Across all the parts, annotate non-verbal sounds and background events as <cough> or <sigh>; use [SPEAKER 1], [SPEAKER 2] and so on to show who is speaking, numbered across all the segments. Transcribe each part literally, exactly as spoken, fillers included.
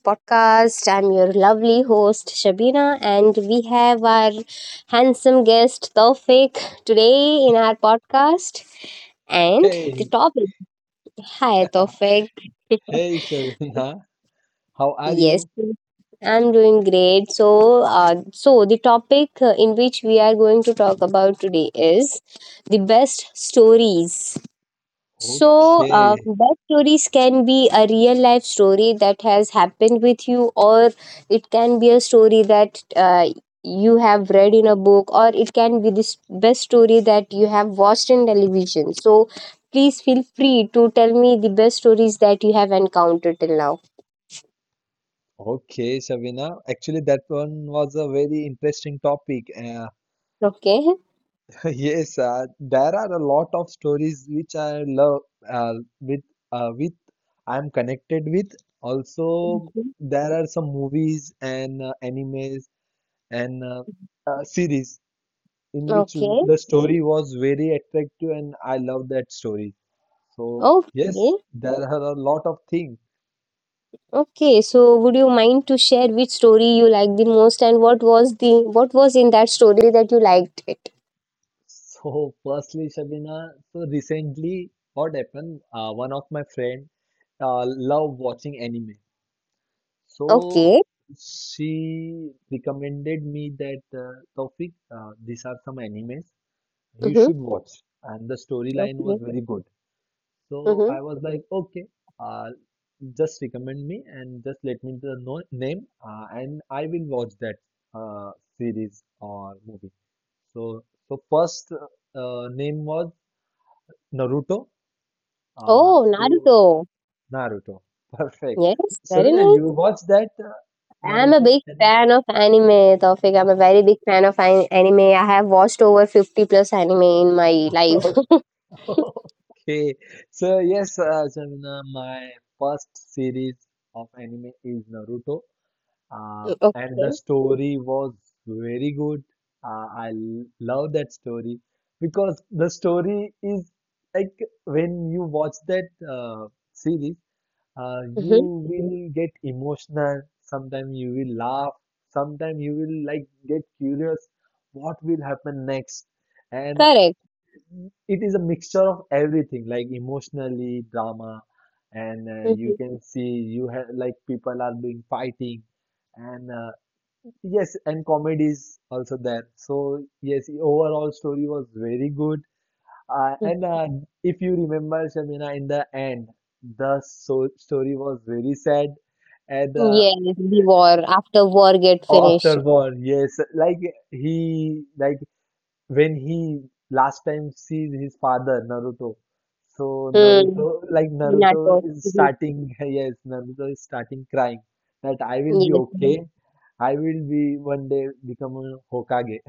[SPEAKER 1] podcast. I'm your lovely host, Shabina, and we have our handsome guest, Taufik, today in our podcast. And the
[SPEAKER 2] Hey,
[SPEAKER 1] topic, hi,
[SPEAKER 2] <laughs>
[SPEAKER 1] Taufik.
[SPEAKER 2] hey, Shavina, how are
[SPEAKER 1] Yes,
[SPEAKER 2] you?
[SPEAKER 1] I'm doing great. So, uh, so the topic uh, in which we are going to talk about today is the best stories. So, uh,
[SPEAKER 2] Okay,
[SPEAKER 1] best stories can be a real life story that has happened with you, or it can be a story that uh, you have read in a book, or it can be this best story that you have watched in television. So, please feel free to tell me the best stories that you have encountered till now.
[SPEAKER 2] okay, Shavina. Actually, that one was a very interesting topic. Uh,
[SPEAKER 1] Okay.
[SPEAKER 2] <laughs> yes, uh, there are a lot of stories which I love, uh, with uh, with I'm connected with. Also,
[SPEAKER 1] Mhm.
[SPEAKER 2] there are some movies and uh, animes and uh, uh, series in which
[SPEAKER 1] Okay.
[SPEAKER 2] the story was very attractive, and I love that story. So yes,
[SPEAKER 1] Okay.
[SPEAKER 2] there are a lot of things.
[SPEAKER 1] Okay. So, would you mind to share which story you liked the most, and what was the what was in that story that you liked?
[SPEAKER 2] So, <laughs> firstly, Shabina, so recently, what happened? Uh, one of my friend uh, love watching anime. So
[SPEAKER 1] Okay.
[SPEAKER 2] she recommended me that uh, Taufik, uh, these are some animes you
[SPEAKER 1] Mm-hmm.
[SPEAKER 2] should watch, and the storyline was
[SPEAKER 1] Okay.
[SPEAKER 2] very good. So
[SPEAKER 1] Mm-hmm.
[SPEAKER 2] I was like, okay, uh, just recommend me and just let me the no name, uh, and I will watch that uh, series or movie. So, so first uh, name was Naruto? Uh,
[SPEAKER 1] Oh,
[SPEAKER 2] so
[SPEAKER 1] Naruto.
[SPEAKER 2] Naruto. <laughs> Perfect.
[SPEAKER 1] Yes, very
[SPEAKER 2] Savina, you
[SPEAKER 1] nice.
[SPEAKER 2] watched that uh,
[SPEAKER 1] I'm a
[SPEAKER 2] Naruto
[SPEAKER 1] big
[SPEAKER 2] anime?
[SPEAKER 1] fan of anime, Taufik. I'm a very big fan of an- anime. I have watched over fifty plus anime in my life.
[SPEAKER 2] <laughs> Okay. So yes, uh, Savina, my first series of anime is Naruto. Uh,
[SPEAKER 1] <laughs> Okay.
[SPEAKER 2] and the story was very good. Uh, I l- love that story, because the story is like when you watch that uh, series, uh,
[SPEAKER 1] Mm-hmm.
[SPEAKER 2] you will get emotional, sometimes you will laugh, sometimes you will like get curious what will happen next, and
[SPEAKER 1] Correct.
[SPEAKER 2] it is a mixture of everything, like emotionally drama, and uh, you
[SPEAKER 1] Mm-hmm.
[SPEAKER 2] can see, you have like people are doing fighting, and uh, yes, and comedy is also there. So yes, overall story was very good, uh, and uh, if you remember, Shamina, in the end, the so story was very sad. And
[SPEAKER 1] Mm-hmm.
[SPEAKER 2] uh,
[SPEAKER 1] Yes, the war. After war get
[SPEAKER 2] after
[SPEAKER 1] finished.
[SPEAKER 2] war, yes, like he, like when he last time sees his father, Naruto. So
[SPEAKER 1] Hmm.
[SPEAKER 2] Naruto, like Naruto
[SPEAKER 1] Naruto.
[SPEAKER 2] is
[SPEAKER 1] Mhm.
[SPEAKER 2] starting, <laughs> yes, Naruto is starting crying that I will be
[SPEAKER 1] Yes. Yes.
[SPEAKER 2] okay. I will be one day become a Hokage.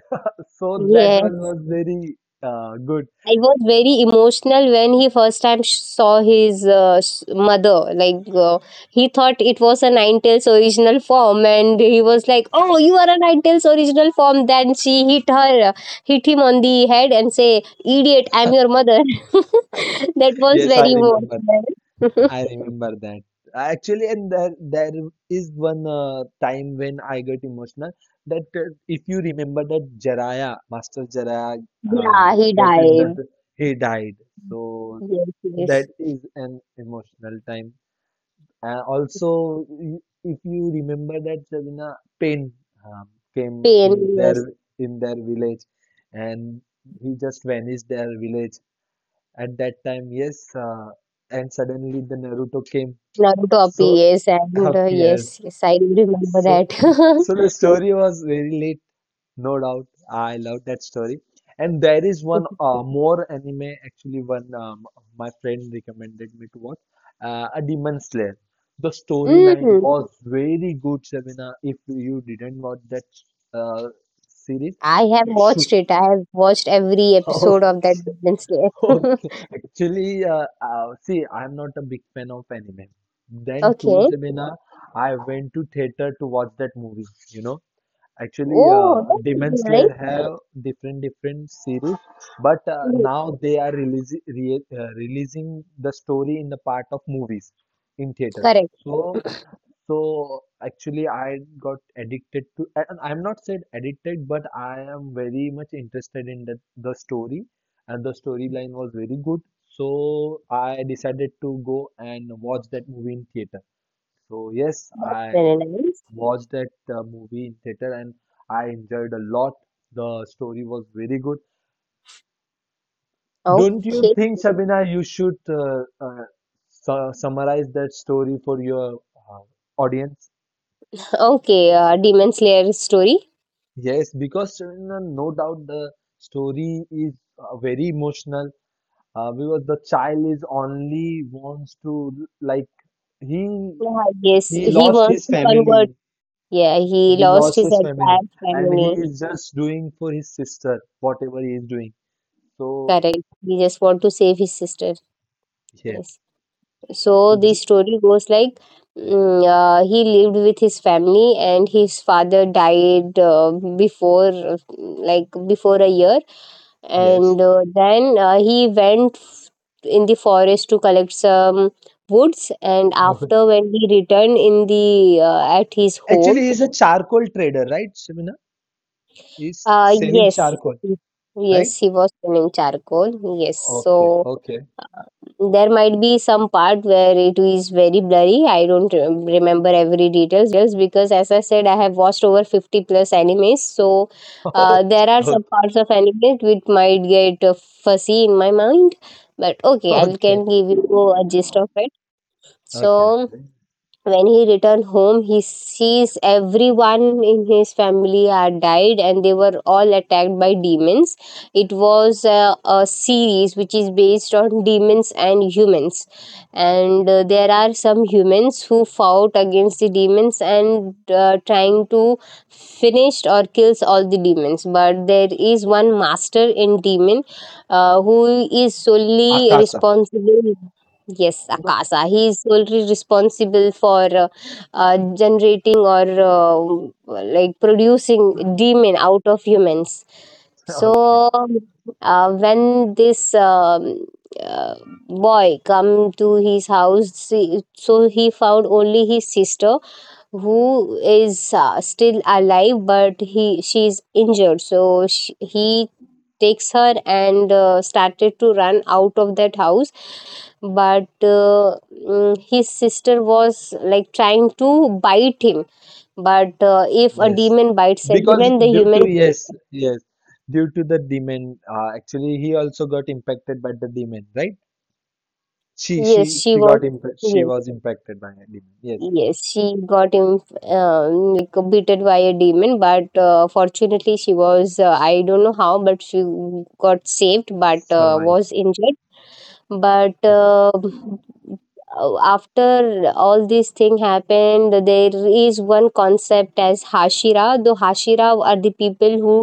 [SPEAKER 2] So that one
[SPEAKER 1] Yes.
[SPEAKER 2] was very uh, good.
[SPEAKER 1] I was very emotional when he first time sh- saw his uh, s- mother. Like, uh, he thought it was a Nine Tails original form, and he was like, "Oh, you are a Nine Tails original form." Then she hit her, hit him on the head, and say, "Idiot, I'm your mother." <laughs> That was
[SPEAKER 2] Yes, I
[SPEAKER 1] very
[SPEAKER 2] remember.
[SPEAKER 1] emotional.
[SPEAKER 2] I
[SPEAKER 1] <laughs>
[SPEAKER 2] remember that. Actually, and there there is one uh, time when I got emotional. That uh, if you remember that Jaraya, Master Jaraya, uh,
[SPEAKER 1] Yeah, he
[SPEAKER 2] get in that
[SPEAKER 1] died.
[SPEAKER 2] he died. So
[SPEAKER 1] Yes,
[SPEAKER 2] that
[SPEAKER 1] yes,
[SPEAKER 2] is an emotional time. And also, y- if you remember that, Sabina, pain um, came
[SPEAKER 1] pain.
[SPEAKER 2] in their
[SPEAKER 1] Yes,
[SPEAKER 2] in their village, and he just vanished their village at that time. Yes, uh, and suddenly the Naruto came,
[SPEAKER 1] Naruto
[SPEAKER 2] so
[SPEAKER 1] appears, and uh, yes,
[SPEAKER 2] appears.
[SPEAKER 1] yes, I remember
[SPEAKER 2] So,
[SPEAKER 1] that.
[SPEAKER 2] so the story was very late, no doubt. I love that story. And there is one
[SPEAKER 1] <laughs>
[SPEAKER 2] uh, more anime, actually, one um, my friend recommended me to watch, uh, A Demon Slayer. The storyline
[SPEAKER 1] Mm.
[SPEAKER 2] was very good, Shabina. If you didn't watch that uh, series,
[SPEAKER 1] I have
[SPEAKER 2] you should.
[SPEAKER 1] watched it. I have watched every episode of that
[SPEAKER 2] <laughs>
[SPEAKER 1] Demon Slayer.
[SPEAKER 2] <laughs>
[SPEAKER 1] <laughs>
[SPEAKER 2] Okay. Actually, uh, uh, see, I'm not a big fan of anime. Then too,
[SPEAKER 1] Okay.
[SPEAKER 2] Jemina, I went to theater to watch that movie, you know. Actually, uh,
[SPEAKER 1] Oh, that's
[SPEAKER 2] Demon
[SPEAKER 1] nice.
[SPEAKER 2] Slayer have different different series, but uh,
[SPEAKER 1] Mhm.
[SPEAKER 2] now they are releasing re uh, releasing the story in the part of movies in theater.
[SPEAKER 1] Correct.
[SPEAKER 2] So, so actually, I got addicted to, I- I'm not said addicted, but I am very much interested in the, the story, and the storyline was very good. So I decided to go and watch that movie in theater. So yes, I
[SPEAKER 1] Very nice.
[SPEAKER 2] watched that uh, movie in theater, and I enjoyed a lot. The story was very good. Don't you
[SPEAKER 1] Okay.
[SPEAKER 2] think, Shabina, you should uh, uh, su summarize that story for your uh, audience?
[SPEAKER 1] Okay. Uh, Demon Slayer story.
[SPEAKER 2] Yes, because uh, no no doubt the story is uh, very emotional, uh, because the child is only wants to, like, he
[SPEAKER 1] Yeah, yes,
[SPEAKER 2] he
[SPEAKER 1] he
[SPEAKER 2] lost
[SPEAKER 1] wants
[SPEAKER 2] his
[SPEAKER 1] to convert.
[SPEAKER 2] family,
[SPEAKER 1] Yeah, he
[SPEAKER 2] he
[SPEAKER 1] lost
[SPEAKER 2] lost
[SPEAKER 1] his
[SPEAKER 2] his family,
[SPEAKER 1] entire
[SPEAKER 2] and he
[SPEAKER 1] family.
[SPEAKER 2] is just doing for his sister whatever he is doing. So
[SPEAKER 1] Correct. He just want to save his sister.
[SPEAKER 2] yes,
[SPEAKER 1] Yes. So
[SPEAKER 2] so
[SPEAKER 1] the
[SPEAKER 2] j-
[SPEAKER 1] story goes like, mm, uh, he lived with his family and his father died uh, before, uh, like before a year,
[SPEAKER 2] yes.
[SPEAKER 1] and uh, then uh, he went f- in the forest to collect some woods. And after
[SPEAKER 2] <laughs>
[SPEAKER 1] when he returned in the uh, at his home,
[SPEAKER 2] Actually, he's a charcoal trader, right, Shemina? He's
[SPEAKER 1] uh
[SPEAKER 2] selling
[SPEAKER 1] yes,
[SPEAKER 2] charcoal,
[SPEAKER 1] yes,
[SPEAKER 2] right?
[SPEAKER 1] he was burning charcoal, yes. So
[SPEAKER 2] Okay, okay,
[SPEAKER 1] there might be some part where it is very blurry. I don't rem- remember every details, because as I said, I have watched over fifty plus animes. So uh, there
[SPEAKER 2] <laughs>
[SPEAKER 1] are some
[SPEAKER 2] okay,
[SPEAKER 1] parts of anime which might get uh, fuzzy in my mind. But okay, I can
[SPEAKER 2] okay,
[SPEAKER 1] give you a gist of it. So
[SPEAKER 2] okay, okay.
[SPEAKER 1] when he returned home, he sees everyone in his family had died, and they were all attacked by demons. It was a, a series which is based on demons and humans. And uh, there are some humans who fought against the demons and, uh, trying to finish or kills all the demons. But there is one master in demon, uh, who is solely
[SPEAKER 2] Akasa.
[SPEAKER 1] responsible. Yes,
[SPEAKER 2] No,
[SPEAKER 1] Akasa. He is solely responsible for uh, uh, generating or, uh, like, producing demon out of humans.
[SPEAKER 2] <laughs> okay,
[SPEAKER 1] So uh, when this um, uh, boy come to his house, see- so he found only his sister who is uh, still alive, but he she's injured. So sh he takes her and uh, started to run out of that house. But uh, mm, his sister was like trying to bite him. But uh, if a
[SPEAKER 2] yes,
[SPEAKER 1] demon bites a
[SPEAKER 2] because
[SPEAKER 1] human, the
[SPEAKER 2] due to,
[SPEAKER 1] human...
[SPEAKER 2] yes, yes, due to the demon, uh, actually he also got impacted by the demon, right? She,
[SPEAKER 1] Yes,
[SPEAKER 2] she,
[SPEAKER 1] she
[SPEAKER 2] she
[SPEAKER 1] was,
[SPEAKER 2] got impact. She
[SPEAKER 1] yes.
[SPEAKER 2] was impacted by a demon. Yes,
[SPEAKER 1] Yes, she got in, um, like, beaten by a demon, but uh, fortunately she was, uh, I don't know how, but she got saved, but uh,
[SPEAKER 2] survived.
[SPEAKER 1] was injured, but
[SPEAKER 2] Yes,
[SPEAKER 1] um, uh, after all these things happened, there is one concept as hashira. Though hashira are the people who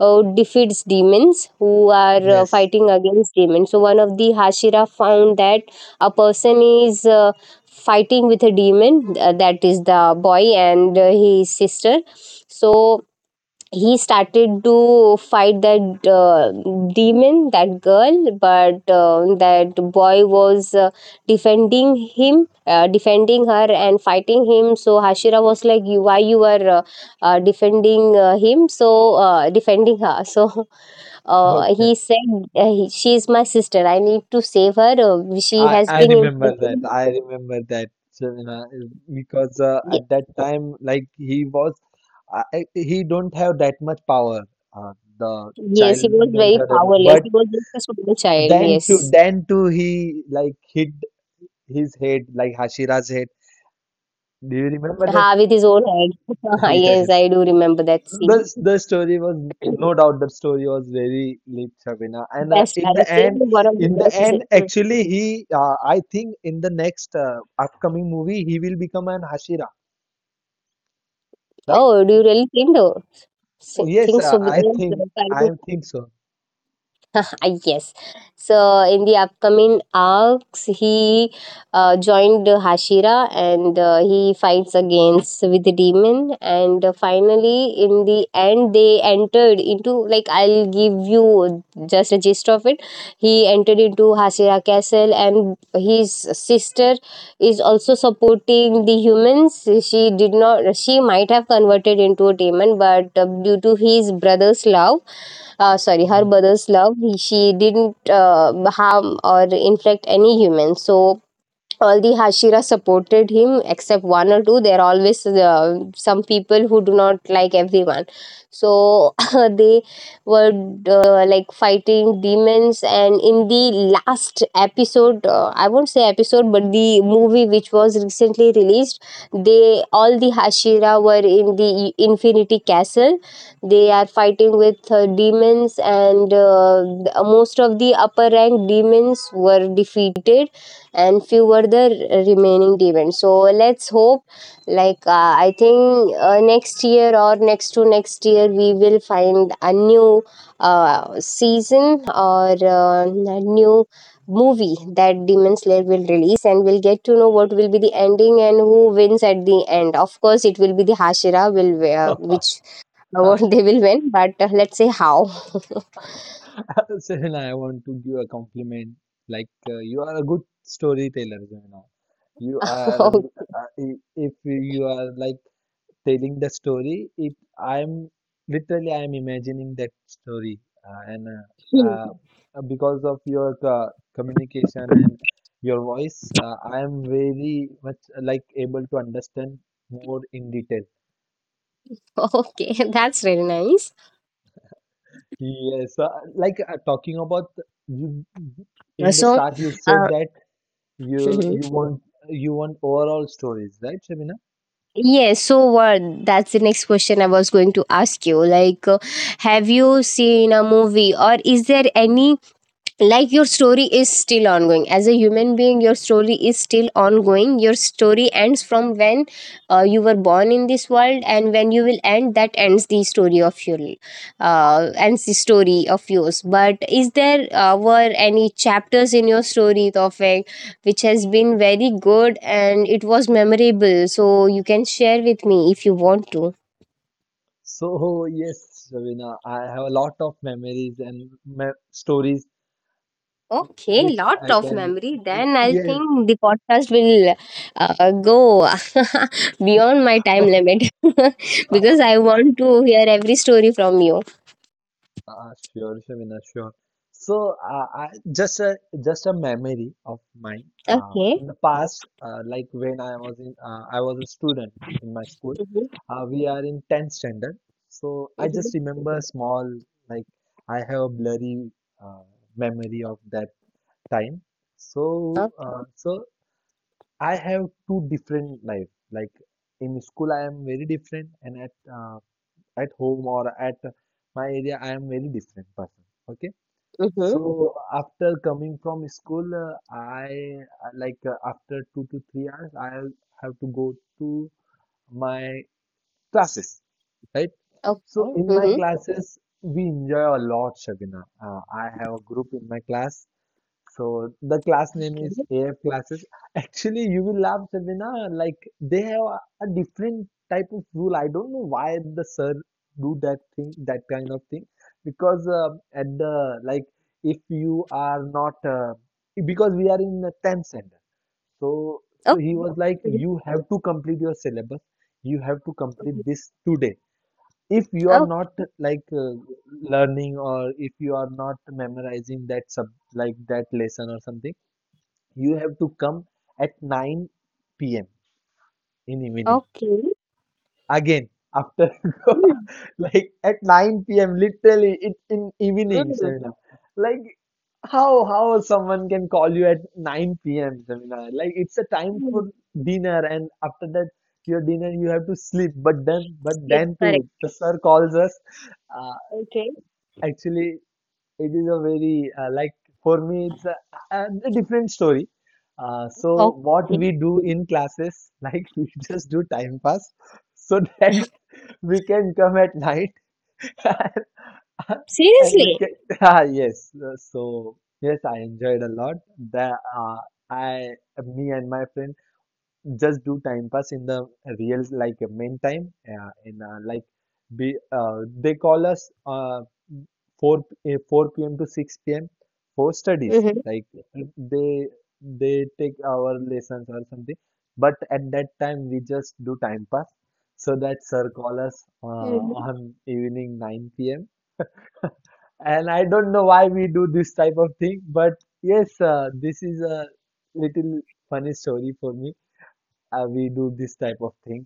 [SPEAKER 1] uh, defeats demons, who are uh,
[SPEAKER 2] yes.
[SPEAKER 1] fighting against demons. So one of the hashira found that a person is uh, fighting with a demon, uh, that is the boy and uh, his sister. So he started to fight that uh, demon, that girl. But uh, that boy was uh, defending him, uh, defending her and fighting him. So hashira was like, "You, why you are uh, uh, defending uh, him?" So uh, defending her. So <laughs> uh,
[SPEAKER 2] Okay,
[SPEAKER 1] he said, uh, he- she is my sister, I need to save her, uh, she
[SPEAKER 2] I
[SPEAKER 1] has
[SPEAKER 2] I
[SPEAKER 1] been
[SPEAKER 2] remember that.
[SPEAKER 1] infected.
[SPEAKER 2] I remember that, Shamina, because uh,
[SPEAKER 1] Ye-
[SPEAKER 2] at that time, like he was, I, I- he don't have that much power. Uh, the
[SPEAKER 1] yes, he was
[SPEAKER 2] child don't
[SPEAKER 1] very
[SPEAKER 2] have that much,
[SPEAKER 1] powerless,
[SPEAKER 2] but
[SPEAKER 1] he was just a small child,
[SPEAKER 2] then
[SPEAKER 1] yes.
[SPEAKER 2] to then to he like hit his head, like Hashira's head. Do you remember that?
[SPEAKER 1] Ha, with his own head. <laughs>
[SPEAKER 2] <laughs>
[SPEAKER 1] Yes,
[SPEAKER 2] Yes.
[SPEAKER 1] I do remember that
[SPEAKER 2] The,
[SPEAKER 1] scene.
[SPEAKER 2] the story was, no
[SPEAKER 1] <clears throat>
[SPEAKER 2] doubt, the story was very lit, Shabina, and uh,
[SPEAKER 1] Best,
[SPEAKER 2] in
[SPEAKER 1] I
[SPEAKER 2] the
[SPEAKER 1] think
[SPEAKER 2] end
[SPEAKER 1] one of the
[SPEAKER 2] in the
[SPEAKER 1] best. sce-
[SPEAKER 2] end,
[SPEAKER 1] Hmm.
[SPEAKER 2] actually he uh, I think in the next uh, upcoming movie he will become an Hashira, right?
[SPEAKER 1] Oh, do you really think though? S-
[SPEAKER 2] Yes,
[SPEAKER 1] Think
[SPEAKER 2] uh,
[SPEAKER 1] so,
[SPEAKER 2] I
[SPEAKER 1] because
[SPEAKER 2] think
[SPEAKER 1] uh, I
[SPEAKER 2] I think so.
[SPEAKER 1] <laughs> yes. So in the upcoming arcs, he uh, joined uh, Hashira and uh, he fights against with the demon. And uh, finally, in the end, they entered into, like, I'll give you just a gist of it. He entered into Hashira Castle, and his sister is also supporting the humans. She did not. She might have converted into a demon, but uh, due to his brother's love, uh, sorry, her
[SPEAKER 2] Yes.
[SPEAKER 1] brother's love. He, she didn't uh, harm or inflict any humans. So all the hashira supported him, except one or two. There are always uh, some people who do not like everyone. So <laughs> they were uh, like fighting demons. And in the last episode, uh, I won't say episode, but the movie which was recently released, they all the hashira were in the infinity castle, they are fighting with uh, demons. And uh, most of the upper rank demons were defeated, and few were the r- remaining events. So let's hope, like, uh, I think uh, next year or next to next year, we will find a new uh, season or uh, a new movie that Demon Slayer will release, and we'll get to know what will be the ending and who wins at the end. Of course, it will be the Hashira will wi- uh, which award <laughs> they
[SPEAKER 2] <laughs>
[SPEAKER 1] will win, but uh, let's say how.
[SPEAKER 2] Serena, I want to give a compliment, like, uh, you are a good storyteller, Serena. You
[SPEAKER 1] <laughs>
[SPEAKER 2] are
[SPEAKER 1] Okay.
[SPEAKER 2] uh, if you are, like, telling the story, it I'm literally I'm imagining that story, uh, and uh,
[SPEAKER 1] <laughs>
[SPEAKER 2] uh, because of your uh, communication and your voice, uh, I am very much uh, like able to understand more in detail.
[SPEAKER 1] Okay, that's really nice.
[SPEAKER 2] Yes, uh, like, uh, talking about you in the
[SPEAKER 1] So.
[SPEAKER 2] start, you said
[SPEAKER 1] Uh,
[SPEAKER 2] that you you
[SPEAKER 1] <laughs>
[SPEAKER 2] want you want overall stories, right, Shabina?
[SPEAKER 1] Yes, so what? That's the next question I was going to ask you. Like, uh, have you seen a movie, or is there any, like, your story is still ongoing. As a human being, your story is still ongoing. Your story ends from when uh, you were born in this world, and when you will end, that ends the story of your uh, ends the story of yours. But is there uh, were any chapters in your story, Tawfiq, which has been very good and it was memorable. So you can share with me if you want to.
[SPEAKER 2] So <laughs> yes, Shabina, I have a lot of memories and me- stories
[SPEAKER 1] Okay,
[SPEAKER 2] which
[SPEAKER 1] lot
[SPEAKER 2] I
[SPEAKER 1] of
[SPEAKER 2] can,
[SPEAKER 1] memory. Then I
[SPEAKER 2] yes.
[SPEAKER 1] think the podcast will uh, go <laughs> beyond my time
[SPEAKER 2] <laughs>
[SPEAKER 1] limit <laughs> because I want to hear every story from you.
[SPEAKER 2] Uh, sure, Shamina, sure. So, uh, I, just a just a memory of mine. Um,
[SPEAKER 1] Okay.
[SPEAKER 2] in the past, uh, like when I was in, uh, I was a student in my school.
[SPEAKER 1] Mm-hmm.
[SPEAKER 2] Uh, we are in tenth standard. So I just
[SPEAKER 1] Mm-hmm.
[SPEAKER 2] remember a small, like I have a blurry uh, memory of that time.
[SPEAKER 1] Okay.
[SPEAKER 2] So, uh, so I have two different life. Like in school, I am very different, and at uh, at home or at my area, I am very different person. Okay.
[SPEAKER 1] Mm-hmm.
[SPEAKER 2] So after coming from school, uh, I uh, like, uh, after two to three hours, I have to go to my classes, right? So in my
[SPEAKER 1] Okay.
[SPEAKER 2] classes, we enjoy a lot, Shabina. Uh, I have a group in my class, so the class name is A F classes. <laughs> Actually, you will laugh, Sabina. Like they have a, a different type of rule. I don't know why the sir do that thing, that kind of thing. Because uh, at the, like, if you are not, uh, because we are in the tenth standard. So so he
[SPEAKER 1] Mm-hmm.
[SPEAKER 2] was like, you have to complete your syllabus. You have to complete this today. If you are not
[SPEAKER 1] Okay.
[SPEAKER 2] like uh, learning, or if you are not memorizing that sub like that lesson or something, you have to come at nine p m in evening.
[SPEAKER 1] Okay. Mhm. Mhm. Okay. Okay.
[SPEAKER 2] Again, after
[SPEAKER 1] Mm.
[SPEAKER 2] <laughs> like at nine p m, literally it's in evening,
[SPEAKER 1] Mm.
[SPEAKER 2] Shamina. Like how how someone can call you at nine p m, Shamina? Like it's a time
[SPEAKER 1] Mm.
[SPEAKER 2] for dinner and after that your dinner you have to sleep. But then but
[SPEAKER 1] Okay.
[SPEAKER 2] then
[SPEAKER 1] Correct.
[SPEAKER 2] too the sir calls us. Uh,
[SPEAKER 1] Okay.
[SPEAKER 2] actually it is a very uh, like for me it's a, a a different story. Uh, so what
[SPEAKER 1] Okay.
[SPEAKER 2] we do in classes, like, <laughs> we just do time pass, so that <laughs> we can come at night <laughs> and we
[SPEAKER 1] Seriously.
[SPEAKER 2] can. <laughs> Ah, yes. Uh, So yes, I enjoyed a lot. The uh, I me and my friend just do time pass in the real, like main time, uh, in uh, like, be uh, they call us uh, four, eh, four p m to six p m for studies.
[SPEAKER 1] Mm-hmm.
[SPEAKER 2] Like they they take our lessons or something, but at that time we just do time pass. So that sir call us uh,
[SPEAKER 1] Mm-hmm.
[SPEAKER 2] on evening nine p m. And I don't know why we do this type of thing, but yes, uh, this is a little funny story for me. Uh, we do this type of thing.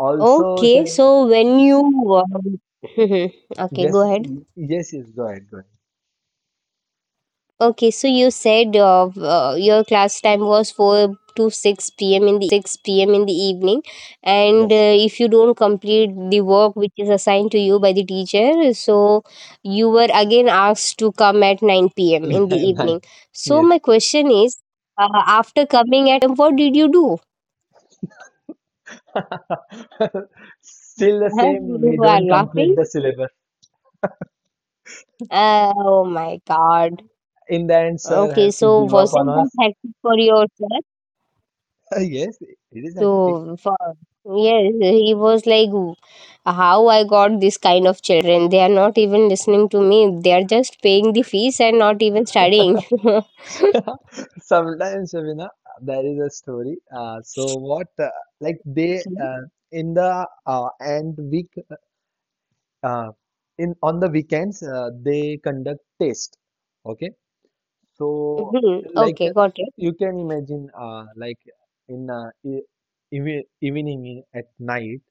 [SPEAKER 2] Also,
[SPEAKER 1] Okay.
[SPEAKER 2] sir,
[SPEAKER 1] So when you um, <laughs> okay,
[SPEAKER 2] yes,
[SPEAKER 1] go ahead.
[SPEAKER 2] yes, yes, go ahead, go ahead.
[SPEAKER 1] Okay, so you said uh, uh, your class time was four to six p m in the evening, and
[SPEAKER 2] Yes.
[SPEAKER 1] uh, if you don't complete the work which is assigned to you by the teacher, so you were again asked to come at nine p m in the
[SPEAKER 2] <laughs> Nine.
[SPEAKER 1] evening. So,
[SPEAKER 2] Yes.
[SPEAKER 1] my question is, uh, after coming at nine p m, what did you do?
[SPEAKER 2] <laughs> Still
[SPEAKER 1] <laughs>
[SPEAKER 2] the
[SPEAKER 1] Huh?
[SPEAKER 2] same,
[SPEAKER 1] You
[SPEAKER 2] we
[SPEAKER 1] are
[SPEAKER 2] don't complete
[SPEAKER 1] laughing?
[SPEAKER 2] the syllabus.
[SPEAKER 1] Uh, oh my god.
[SPEAKER 2] In the end, sir
[SPEAKER 1] Okay,
[SPEAKER 2] have to
[SPEAKER 1] so
[SPEAKER 2] give up on
[SPEAKER 1] wasn't that
[SPEAKER 2] us.
[SPEAKER 1] hectic for yourself?
[SPEAKER 2] <laughs> Yes, it is hectic.
[SPEAKER 1] So, for, yes, he was like, "How I got this kind of children? They are not even listening to me. They are just paying the fees and not even studying." <laughs> Okay.
[SPEAKER 2] <laughs> Sometimes, Shabina, there is a story. Uh, so what, uh, like they uh, in the uh, end week, uh, in on the weekends, uh, they conduct test. Okay, so
[SPEAKER 1] Mhm.
[SPEAKER 2] like
[SPEAKER 1] Okay, got it.
[SPEAKER 2] you can imagine, uh, like in uh, e- ev evening in- at night.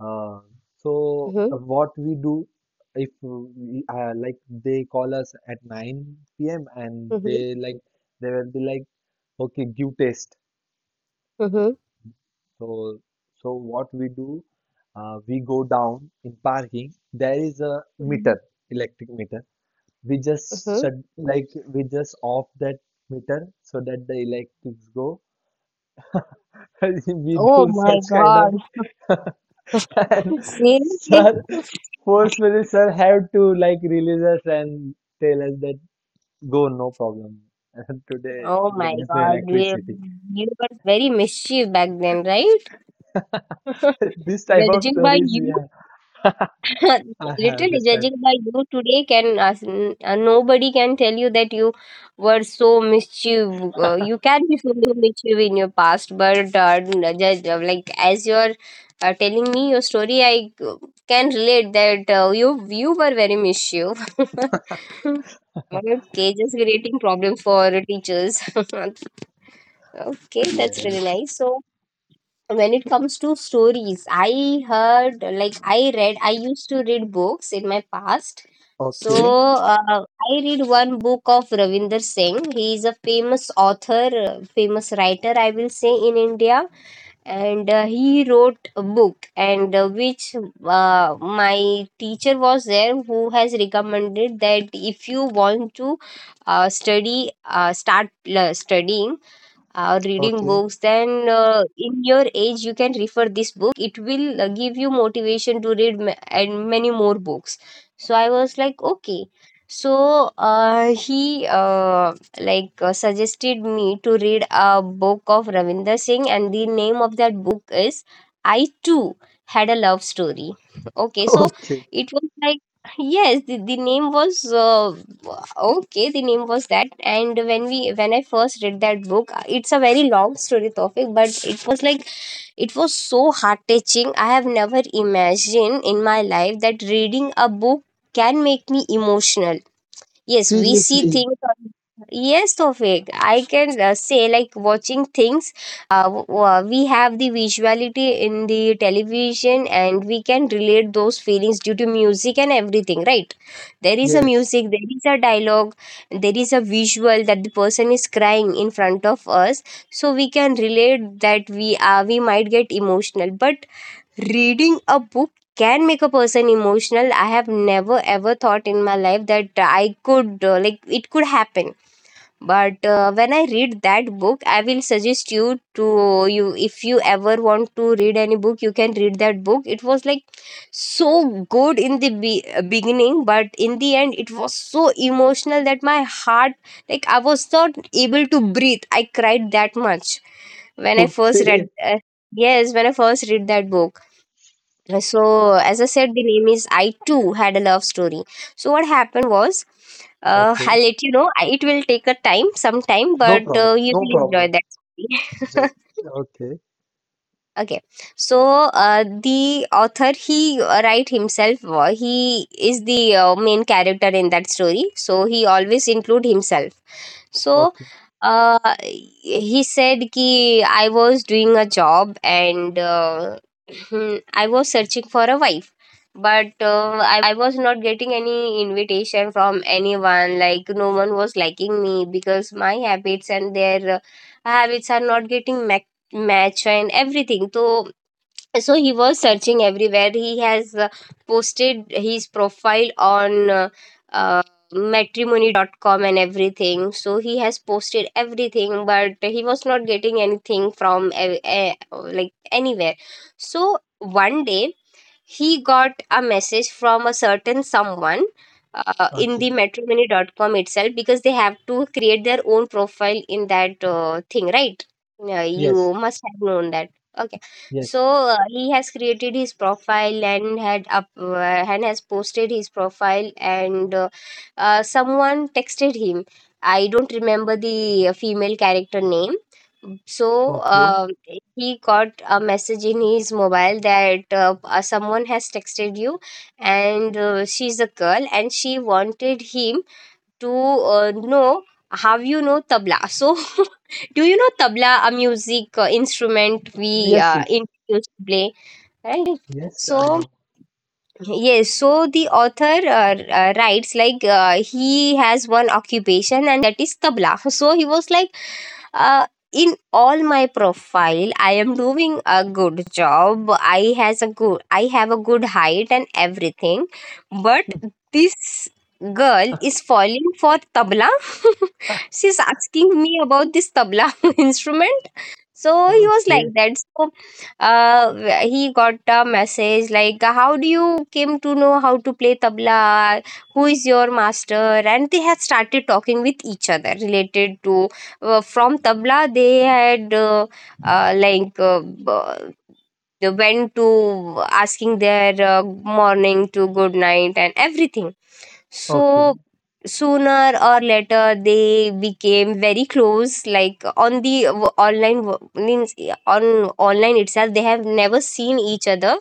[SPEAKER 2] Uh, so
[SPEAKER 1] Mm-hmm.
[SPEAKER 2] uh, what we do if we, uh, like they call us at nine p m and
[SPEAKER 1] Mm-hmm.
[SPEAKER 2] they like they will be like, okay, give test.
[SPEAKER 1] Mm-hmm.
[SPEAKER 2] So, so what we do, uh, we go down in parking, there is a meter, electric meter, we just
[SPEAKER 1] Mm-hmm.
[SPEAKER 2] shut like we just off that meter so that the electrics go. <laughs> We
[SPEAKER 1] Oh
[SPEAKER 2] do
[SPEAKER 1] my
[SPEAKER 2] such kind of.
[SPEAKER 1] god.
[SPEAKER 2] <laughs> And
[SPEAKER 1] <laughs>
[SPEAKER 2] <laughs>
[SPEAKER 1] Seriously?
[SPEAKER 2] sir,
[SPEAKER 1] <laughs>
[SPEAKER 2] forcefully, sir had to like release us and tell us that go, no problem. <laughs> Today
[SPEAKER 1] Oh
[SPEAKER 2] there
[SPEAKER 1] my
[SPEAKER 2] is no
[SPEAKER 1] god. You
[SPEAKER 2] electricity.
[SPEAKER 1] you were very mischief back then, right?
[SPEAKER 2] <laughs> This
[SPEAKER 1] <laughs>
[SPEAKER 2] type of
[SPEAKER 1] Judging by
[SPEAKER 2] stories,
[SPEAKER 1] you.
[SPEAKER 2] yeah, I
[SPEAKER 1] <laughs>
[SPEAKER 2] have
[SPEAKER 1] Literally,
[SPEAKER 2] this type.
[SPEAKER 1] judging by you today, can ask, n- uh, nobody can tell you that you were so mischief. Uh, you can be so mischief in your past, but uh, n- judge, uh, like, as you're uh, telling me your story, I uh, can relate that uh, you you were very mischief. <laughs> Okay, just creating problems for teachers. <laughs> Okay, that's really
[SPEAKER 2] Yes.
[SPEAKER 1] nice. So when it comes to stories, I heard like I read, I used to read books in my past. So
[SPEAKER 2] Okay,
[SPEAKER 1] uh, I read one book of Ravinder Singh. He is a famous author, uh, famous writer I will say, in India. And uh, he wrote a book, and uh, which uh, my teacher was there who has recommended that if you want to uh, study, uh, start uh, studying, uh, reading
[SPEAKER 2] okay,
[SPEAKER 1] books, then uh, in your age you can refer this book, it will uh, give you motivation to read ma- and many more books. So I was like, okay. So uh, he, uh, like, uh, suggested me to read a book of Ravinder Singh, and the name of that book is "I too had a love story." Okay,
[SPEAKER 2] <laughs>
[SPEAKER 1] so
[SPEAKER 2] okay.
[SPEAKER 1] it was like, yes, the, the name was, uh, okay, the name was that. And when we when I first read that book, it's a very long story topic, but it was like it was so heart touching. I have never imagined in my life that reading a book can make me emotional. Yes, we see
[SPEAKER 2] Seriously,
[SPEAKER 1] things on, yes, Tofik, I can, uh, say, like, watching things, uh, w- w- we have the visuality in the television, and we can relate those feelings due to music and everything, right? There is a
[SPEAKER 2] yes. <laughs>
[SPEAKER 1] music, there is a dialogue, there is a visual that the person is crying in front of us, so we can relate that. We are we might get emotional, but reading a book can make a person emotional. I have never ever thought in my life that I could, uh, like, it could happen. But uh, when I read that book, I will suggest you to you, if you ever want to read any book, you can read that book. It was like so good in the be- uh, beginning, but in the end, it was so emotional that my heart, like, I was not able to breathe. I cried that much when I first read.
[SPEAKER 2] Okay,
[SPEAKER 1] Uh, yes, when I first read that book. So, as I said, the name is I Too Had a Love Story. So what happened was, uh,
[SPEAKER 2] okay.
[SPEAKER 1] I'll let you know. I- it will take a time some time,
[SPEAKER 2] No
[SPEAKER 1] but
[SPEAKER 2] problem,
[SPEAKER 1] uh, you
[SPEAKER 2] no
[SPEAKER 1] will
[SPEAKER 2] problem.
[SPEAKER 1] enjoy that story.
[SPEAKER 2] Just okay,
[SPEAKER 1] <laughs> Okay, so uh, the author, he, uh, write himself. Uh, he is the uh, main character in that story, so he always include himself. So
[SPEAKER 2] okay,
[SPEAKER 1] uh, he said ki I was doing a job, and uh, <laughs> <clears throat> I was searching for a wife, but uh, I was not getting any invitation from anyone. Like, no one was liking me because my habits and their uh, habits are not getting ma- match and everything. So so he was searching everywhere. He has uh, posted his profile on uh, uh, matrimony dot com and everything. So he has posted everything, but he was not getting anything from, uh, uh, like, anywhere. So one day he got a message from a certain someone, uh, in the
[SPEAKER 2] okay.
[SPEAKER 1] matrimony dot com itself, because they have to create their own profile in that uh, thing, right? Yeah,
[SPEAKER 2] Yes,
[SPEAKER 1] you must have known that. Okay,
[SPEAKER 2] yes,
[SPEAKER 1] so uh, he has created his profile and had up uh, and has posted his profile, and uh, uh, someone texted him. I don't remember the uh, female character name. So
[SPEAKER 2] okay.
[SPEAKER 1] uh, he got a message in his mobile that, uh, uh, someone has texted you, and uh, she's a girl, and she wanted him to, uh, know how you know tabla. So, <laughs> do you know tabla, a music uh, instrument we
[SPEAKER 2] Yes,
[SPEAKER 1] uh,
[SPEAKER 2] yes,
[SPEAKER 1] in used to play, right?
[SPEAKER 2] yes, I
[SPEAKER 1] So,
[SPEAKER 2] know.
[SPEAKER 1] yes, so the author, uh, uh, writes like, uh, he has one occupation, and that is tabla. <laughs> So he was like, uh, in all my profile I am doing a good job, i has a good I have a good height and everything, but this girl is falling for tabla. <laughs>
[SPEAKER 2] <laughs>
[SPEAKER 1] She's asking me about this tabla <laughs> instrument. So he was like
[SPEAKER 2] Okay,
[SPEAKER 1] that. So uh wh- he got a message like, how do you came to know how to play tabla, who is your master? And they had started talking with each other related to, uh, from tabla. They had, uh, uh, like, uh, b- they went to asking their uh, morning to good night and everything.
[SPEAKER 2] okay.
[SPEAKER 1] So sooner or later they became very close. Like, on the w- online, wo- means on online itself, they have never seen each other.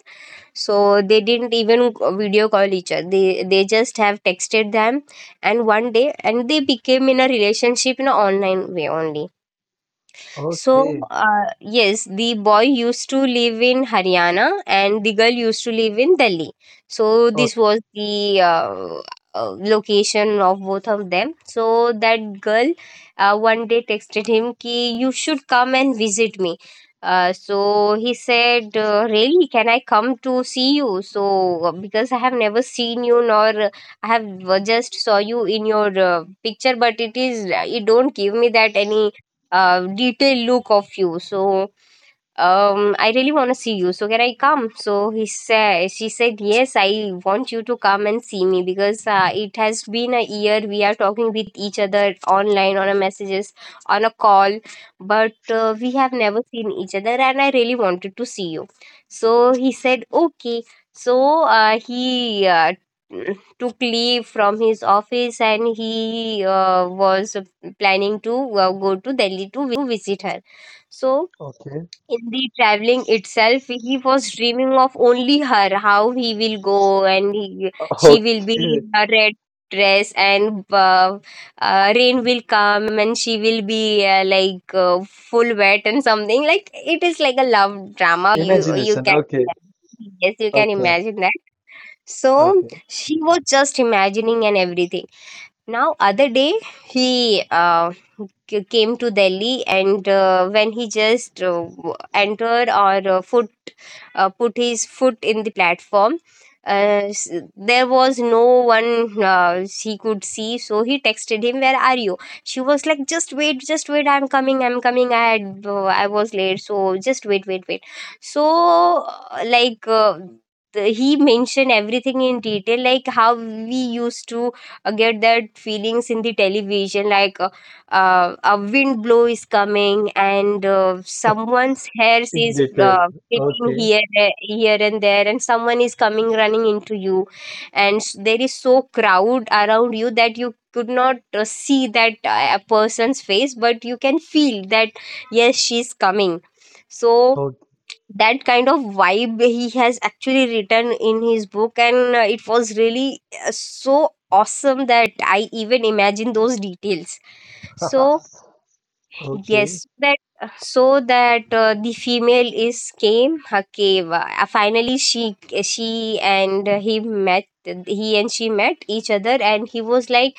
[SPEAKER 1] So they didn't even video call each other. They they just have texted them, and one day, and they became in a relationship in an online way only. So,
[SPEAKER 2] Okay,
[SPEAKER 1] uh, yes, the boy used to live in Haryana and the girl used to live in Delhi. So this
[SPEAKER 2] okay,
[SPEAKER 1] was the uh, uh, location of both of them. So that girl, uh, one day texted him, ki, you should come and visit me. Uh, so he said, uh, really, can I come to see you? So, uh, because I have never seen you, nor uh, I have uh, just saw you in your uh, picture, but it is, uh, you don't give me that any uh, detailed look of you. So, um, I really want to see you, so can I come? So he said she said, yes, I want you to come and see me because uh, it has been a year we are talking with each other online, on a messages, on a call, but uh, we have never seen each other, and I really wanted to see you. So he said okay. So uh, he, uh, took leave from his office, and he, uh, was planning to uh, go to Delhi to visit her. So
[SPEAKER 2] okay,
[SPEAKER 1] in the traveling itself, he was dreaming of only her, how he will go, and he, she will be
[SPEAKER 2] okay.
[SPEAKER 1] in a red dress, and uh, uh, rain will come, and she will be uh, like uh, full wet and something. Like, it is like a love
[SPEAKER 2] <laughs>
[SPEAKER 1] drama, you you
[SPEAKER 2] Imagination.
[SPEAKER 1] can,
[SPEAKER 2] Okay,
[SPEAKER 1] yes, you can
[SPEAKER 2] okay,
[SPEAKER 1] imagine that. So
[SPEAKER 2] okay,
[SPEAKER 1] she was just imagining and everything. Now, other day, he, uh, c- came to Delhi, and uh, when he just uh, w- entered, or uh, foot uh, put his foot in the platform, uh, s- there was no one uh, he could see. So he texted him, "Where are you?" She was like, "Just wait, just wait. I'm coming. I'm coming. I had uh, I was late, so just wait, wait, wait." So, uh, like. Uh, the- he mentioned everything in detail, like how we used to uh, get that feelings in the television, like uh, uh, a wind blow is coming, and uh,
[SPEAKER 2] okay.
[SPEAKER 1] someone's
[SPEAKER 2] <laughs>
[SPEAKER 1] hairs
[SPEAKER 2] In
[SPEAKER 1] is
[SPEAKER 2] detail.
[SPEAKER 1] uh, flipping
[SPEAKER 2] Okay,
[SPEAKER 1] here eh, here and there, and someone is coming running into you, and s- there is so crowd around you that you could not uh, see that uh, a person's face, but you can feel that, yes, she's coming. So
[SPEAKER 2] okay,
[SPEAKER 1] that kind of vibe he has actually written in his book, and uh, it was really uh, so awesome that I even imagine those details. So,
[SPEAKER 2] <laughs> okay,
[SPEAKER 1] yes, so that so that uh, the female is came her cave, uh, finally, she she and he met he and she met each other, and he was like,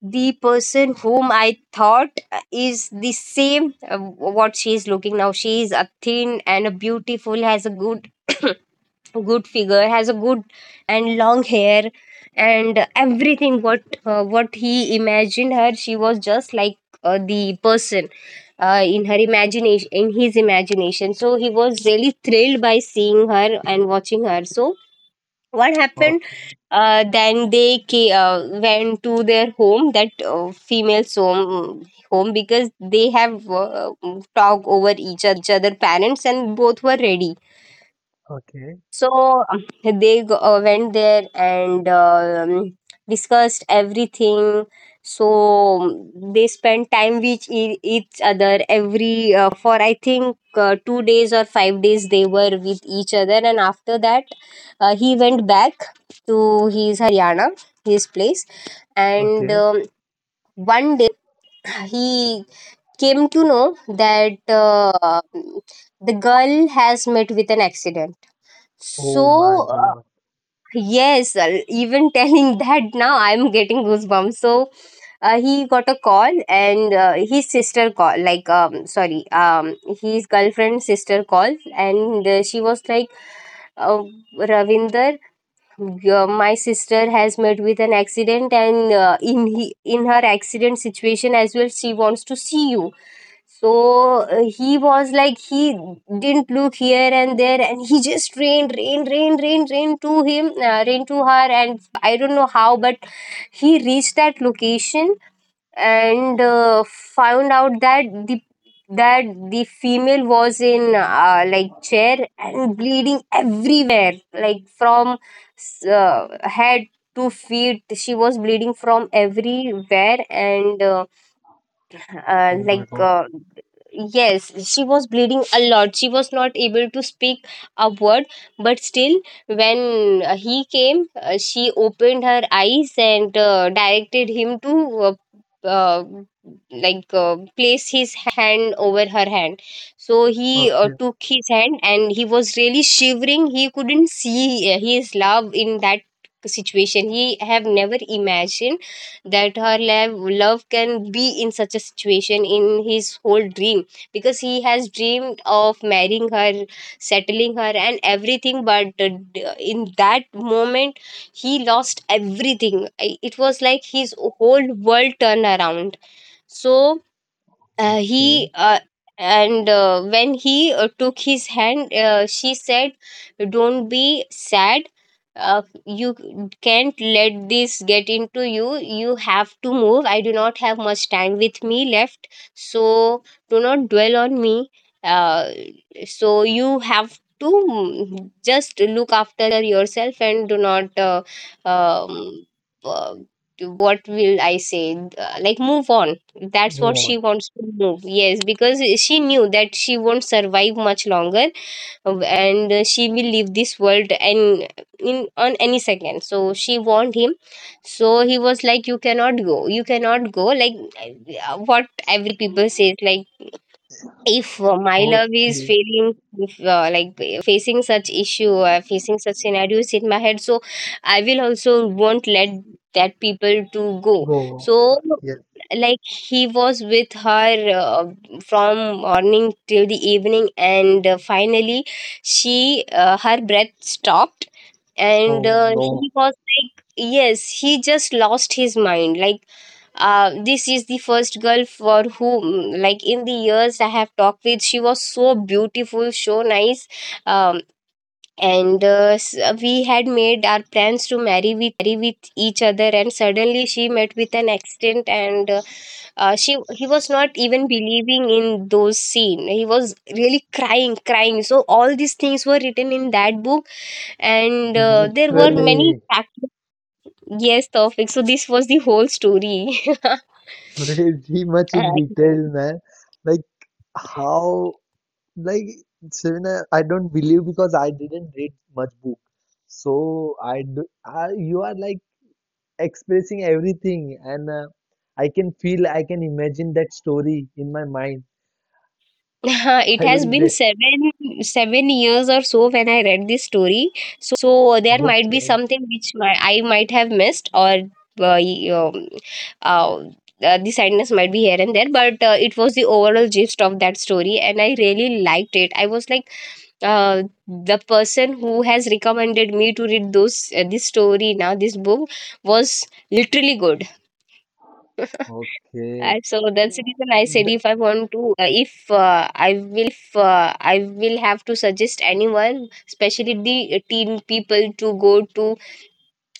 [SPEAKER 1] the person whom I thought uh, is the same, uh, what she is looking now. She is a thin and a beautiful, has a good <coughs> good figure, has a good and long hair and everything. What uh, what he imagined her, she was just like uh, the person, uh, in her imagination in his imagination. So he was really thrilled by seeing her and watching her. So what happened,
[SPEAKER 2] okay,
[SPEAKER 1] uh, then they, ca- uh, went to their home, that uh, female's home home, because they have uh, talked over each other parents and both were ready.
[SPEAKER 2] okay,
[SPEAKER 1] So, um, they, go- uh, went there, and, um, discussed everything. So, um, they spent time with e- each other, every, uh, for I think, uh, two days or five days they were with each other. And after that, uh, he went back to his Haryana, his place, and,
[SPEAKER 2] okay.
[SPEAKER 1] um, one day he came to know that uh, the girl has met with an accident.
[SPEAKER 2] Oh my
[SPEAKER 1] So, uh,
[SPEAKER 2] God.
[SPEAKER 1] yes, uh, even telling <laughs> that, now I'm getting goosebumps. So uh, he got a call, and uh, his sister call like, um, sorry, um, his girlfriend's sister called, and uh, she was like, uh, Ravinder, your, my sister has met with an accident, and uh, in he, in her accident situation as well, she wants to see you. So uh, he was like, he didn't look here and there, and he just rained, rained, rained, rained, rained to him, uh, rained to her, and I don't know how, but he reached that location and uh, found out that the that the female was in, uh, like, chair and bleeding everywhere, like from uh, head to feet. She was bleeding from everywhere, and uh, uh,
[SPEAKER 2] Oh my
[SPEAKER 1] like
[SPEAKER 2] God.
[SPEAKER 1] uh, yes, she was bleeding a lot. She was not able to speak a word, but still when uh, he came, uh, she opened her eyes and uh, directed him to uh, uh, like uh, place his hand over her hand. So he uh,
[SPEAKER 2] Okay,
[SPEAKER 1] took his hand and he was really shivering. He couldn't see uh, his love in that situation. He have never imagined that her love, love can be in such a situation in his whole dream, because he has dreamed of marrying her, settling her and everything. But uh, d- in that moment he lost everything. I- it was like his whole world turned around. So uh, he
[SPEAKER 2] okay.
[SPEAKER 1] uh, and uh, when he uh, took his hand, uh, she said, "Don't be sad. Uh, you can't let this get into you. You have to move. I do not have much time with me left, so do not dwell on me. uh, so you have to mm, just look after yourself and do not uh, um, uh, what will I say, uh, like move on." That's
[SPEAKER 2] Move
[SPEAKER 1] what
[SPEAKER 2] on.
[SPEAKER 1] she wants to know. Yes, because she knew that she won't survive much longer, uh, and uh, she will leave this world and in on any second. So she warned him. So he was like, "You cannot go. You cannot go." Like uh, what every people says, like if uh, my love is
[SPEAKER 2] Okay,
[SPEAKER 1] failing, if, uh, like uh, facing such issue, uh, facing such scenarios in my head, so I will also won't let that people to go.
[SPEAKER 2] go. Uh,
[SPEAKER 1] So
[SPEAKER 2] Yes.
[SPEAKER 1] like he was with her uh, from morning till the evening and uh, finally she uh, her breath stopped and
[SPEAKER 2] Oh
[SPEAKER 1] uh,
[SPEAKER 2] no.
[SPEAKER 1] he was like yes he just lost his mind, like uh, this is the first girl for whom like in the years I have talked with. She was so beautiful, so nice, um, and uh, s- we had made our plans to marry with each other, and suddenly she met with an accident and uh, uh, she he was not even believing in those scene. He was really crying crying. So all these things were written in that book and uh, there were many
[SPEAKER 2] Literally,
[SPEAKER 1] fact- yes topics. So this was the whole story. <laughs>
[SPEAKER 2] <laughs> very much
[SPEAKER 1] Uh,
[SPEAKER 2] in detail, man. Like how? Like Serena, I don't believe because I didn't read much book. So I, do, I you are like expressing everything, and uh, I can feel, I can imagine that story in my mind.
[SPEAKER 1] <laughs>
[SPEAKER 2] <laughs>
[SPEAKER 1] It
[SPEAKER 2] I
[SPEAKER 1] has
[SPEAKER 2] will
[SPEAKER 1] been
[SPEAKER 2] de-
[SPEAKER 1] seven seven years or so when I read this story, so there might be
[SPEAKER 2] okay,
[SPEAKER 1] something which my I might have missed, or uh, y- um, uh, uh, the sadness might be here and there. But uh, it was the overall gist of that story, and I really liked it. I was like, uh, the person who has recommended me to read those uh, this story now, this book was literally good.
[SPEAKER 2] okay,
[SPEAKER 1] And so that's the reason I said
[SPEAKER 2] De-
[SPEAKER 1] if I want to, uh, if uh, I will have to suggest anyone, especially the uh, teen people, to go to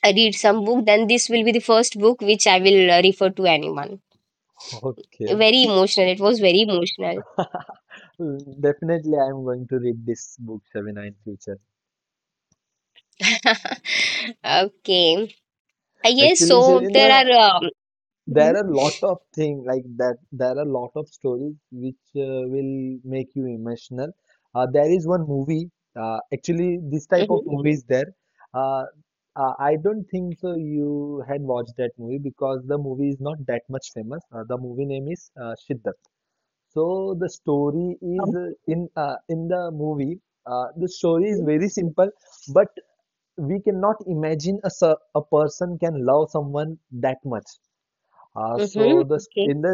[SPEAKER 1] uh, read some book, then this will be the first book which I will uh, refer to anyone.
[SPEAKER 2] okay.
[SPEAKER 1] Very emotional. It was very emotional.
[SPEAKER 2] Definitely, I am going to read this book, Shavina, in future.
[SPEAKER 1] <laughs> Okay. Uh, yes.
[SPEAKER 2] Actually,
[SPEAKER 1] So there
[SPEAKER 2] Shavina,
[SPEAKER 1] are. Um, mhm,
[SPEAKER 2] there are lot of things like that, there are lot of stories which uh, will make you emotional. Uh, there is one movie, uh, actually this type of
[SPEAKER 1] mhm,
[SPEAKER 2] movie is there. uh, uh, I don't think so you had watched that movie because the movie is not that much famous. Uh, the movie name is uh, Shiddat. So the story is uh,
[SPEAKER 1] okay.
[SPEAKER 2] in uh, in the movie, uh, the story is
[SPEAKER 1] Hmm
[SPEAKER 2] very simple, but we cannot imagine a ser- a person can love someone that much. Uh, so
[SPEAKER 1] hmm,
[SPEAKER 2] the
[SPEAKER 1] okay.
[SPEAKER 2] st- in the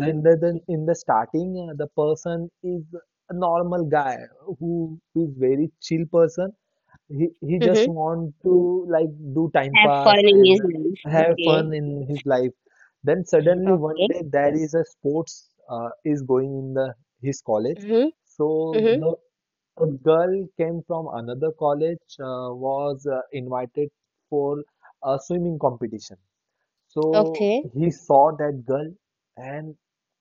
[SPEAKER 2] then the, then in the starting, uh, the person is a normal guy who is very chill person. He he just
[SPEAKER 1] Hmm,
[SPEAKER 2] want to like do time
[SPEAKER 1] have fun
[SPEAKER 2] pass
[SPEAKER 1] in
[SPEAKER 2] and
[SPEAKER 1] his life.
[SPEAKER 2] have
[SPEAKER 1] Okay.
[SPEAKER 2] fun in his life. Then
[SPEAKER 1] Mm-hmm,
[SPEAKER 2] suddenly one
[SPEAKER 1] okay.
[SPEAKER 2] day there is a sports uh, is going in the his college.
[SPEAKER 1] Hmm
[SPEAKER 2] So
[SPEAKER 1] hmm,
[SPEAKER 2] the a girl came from another college, uh, was uh, invited for a swimming competition. So
[SPEAKER 1] okay.
[SPEAKER 2] he saw that girl, and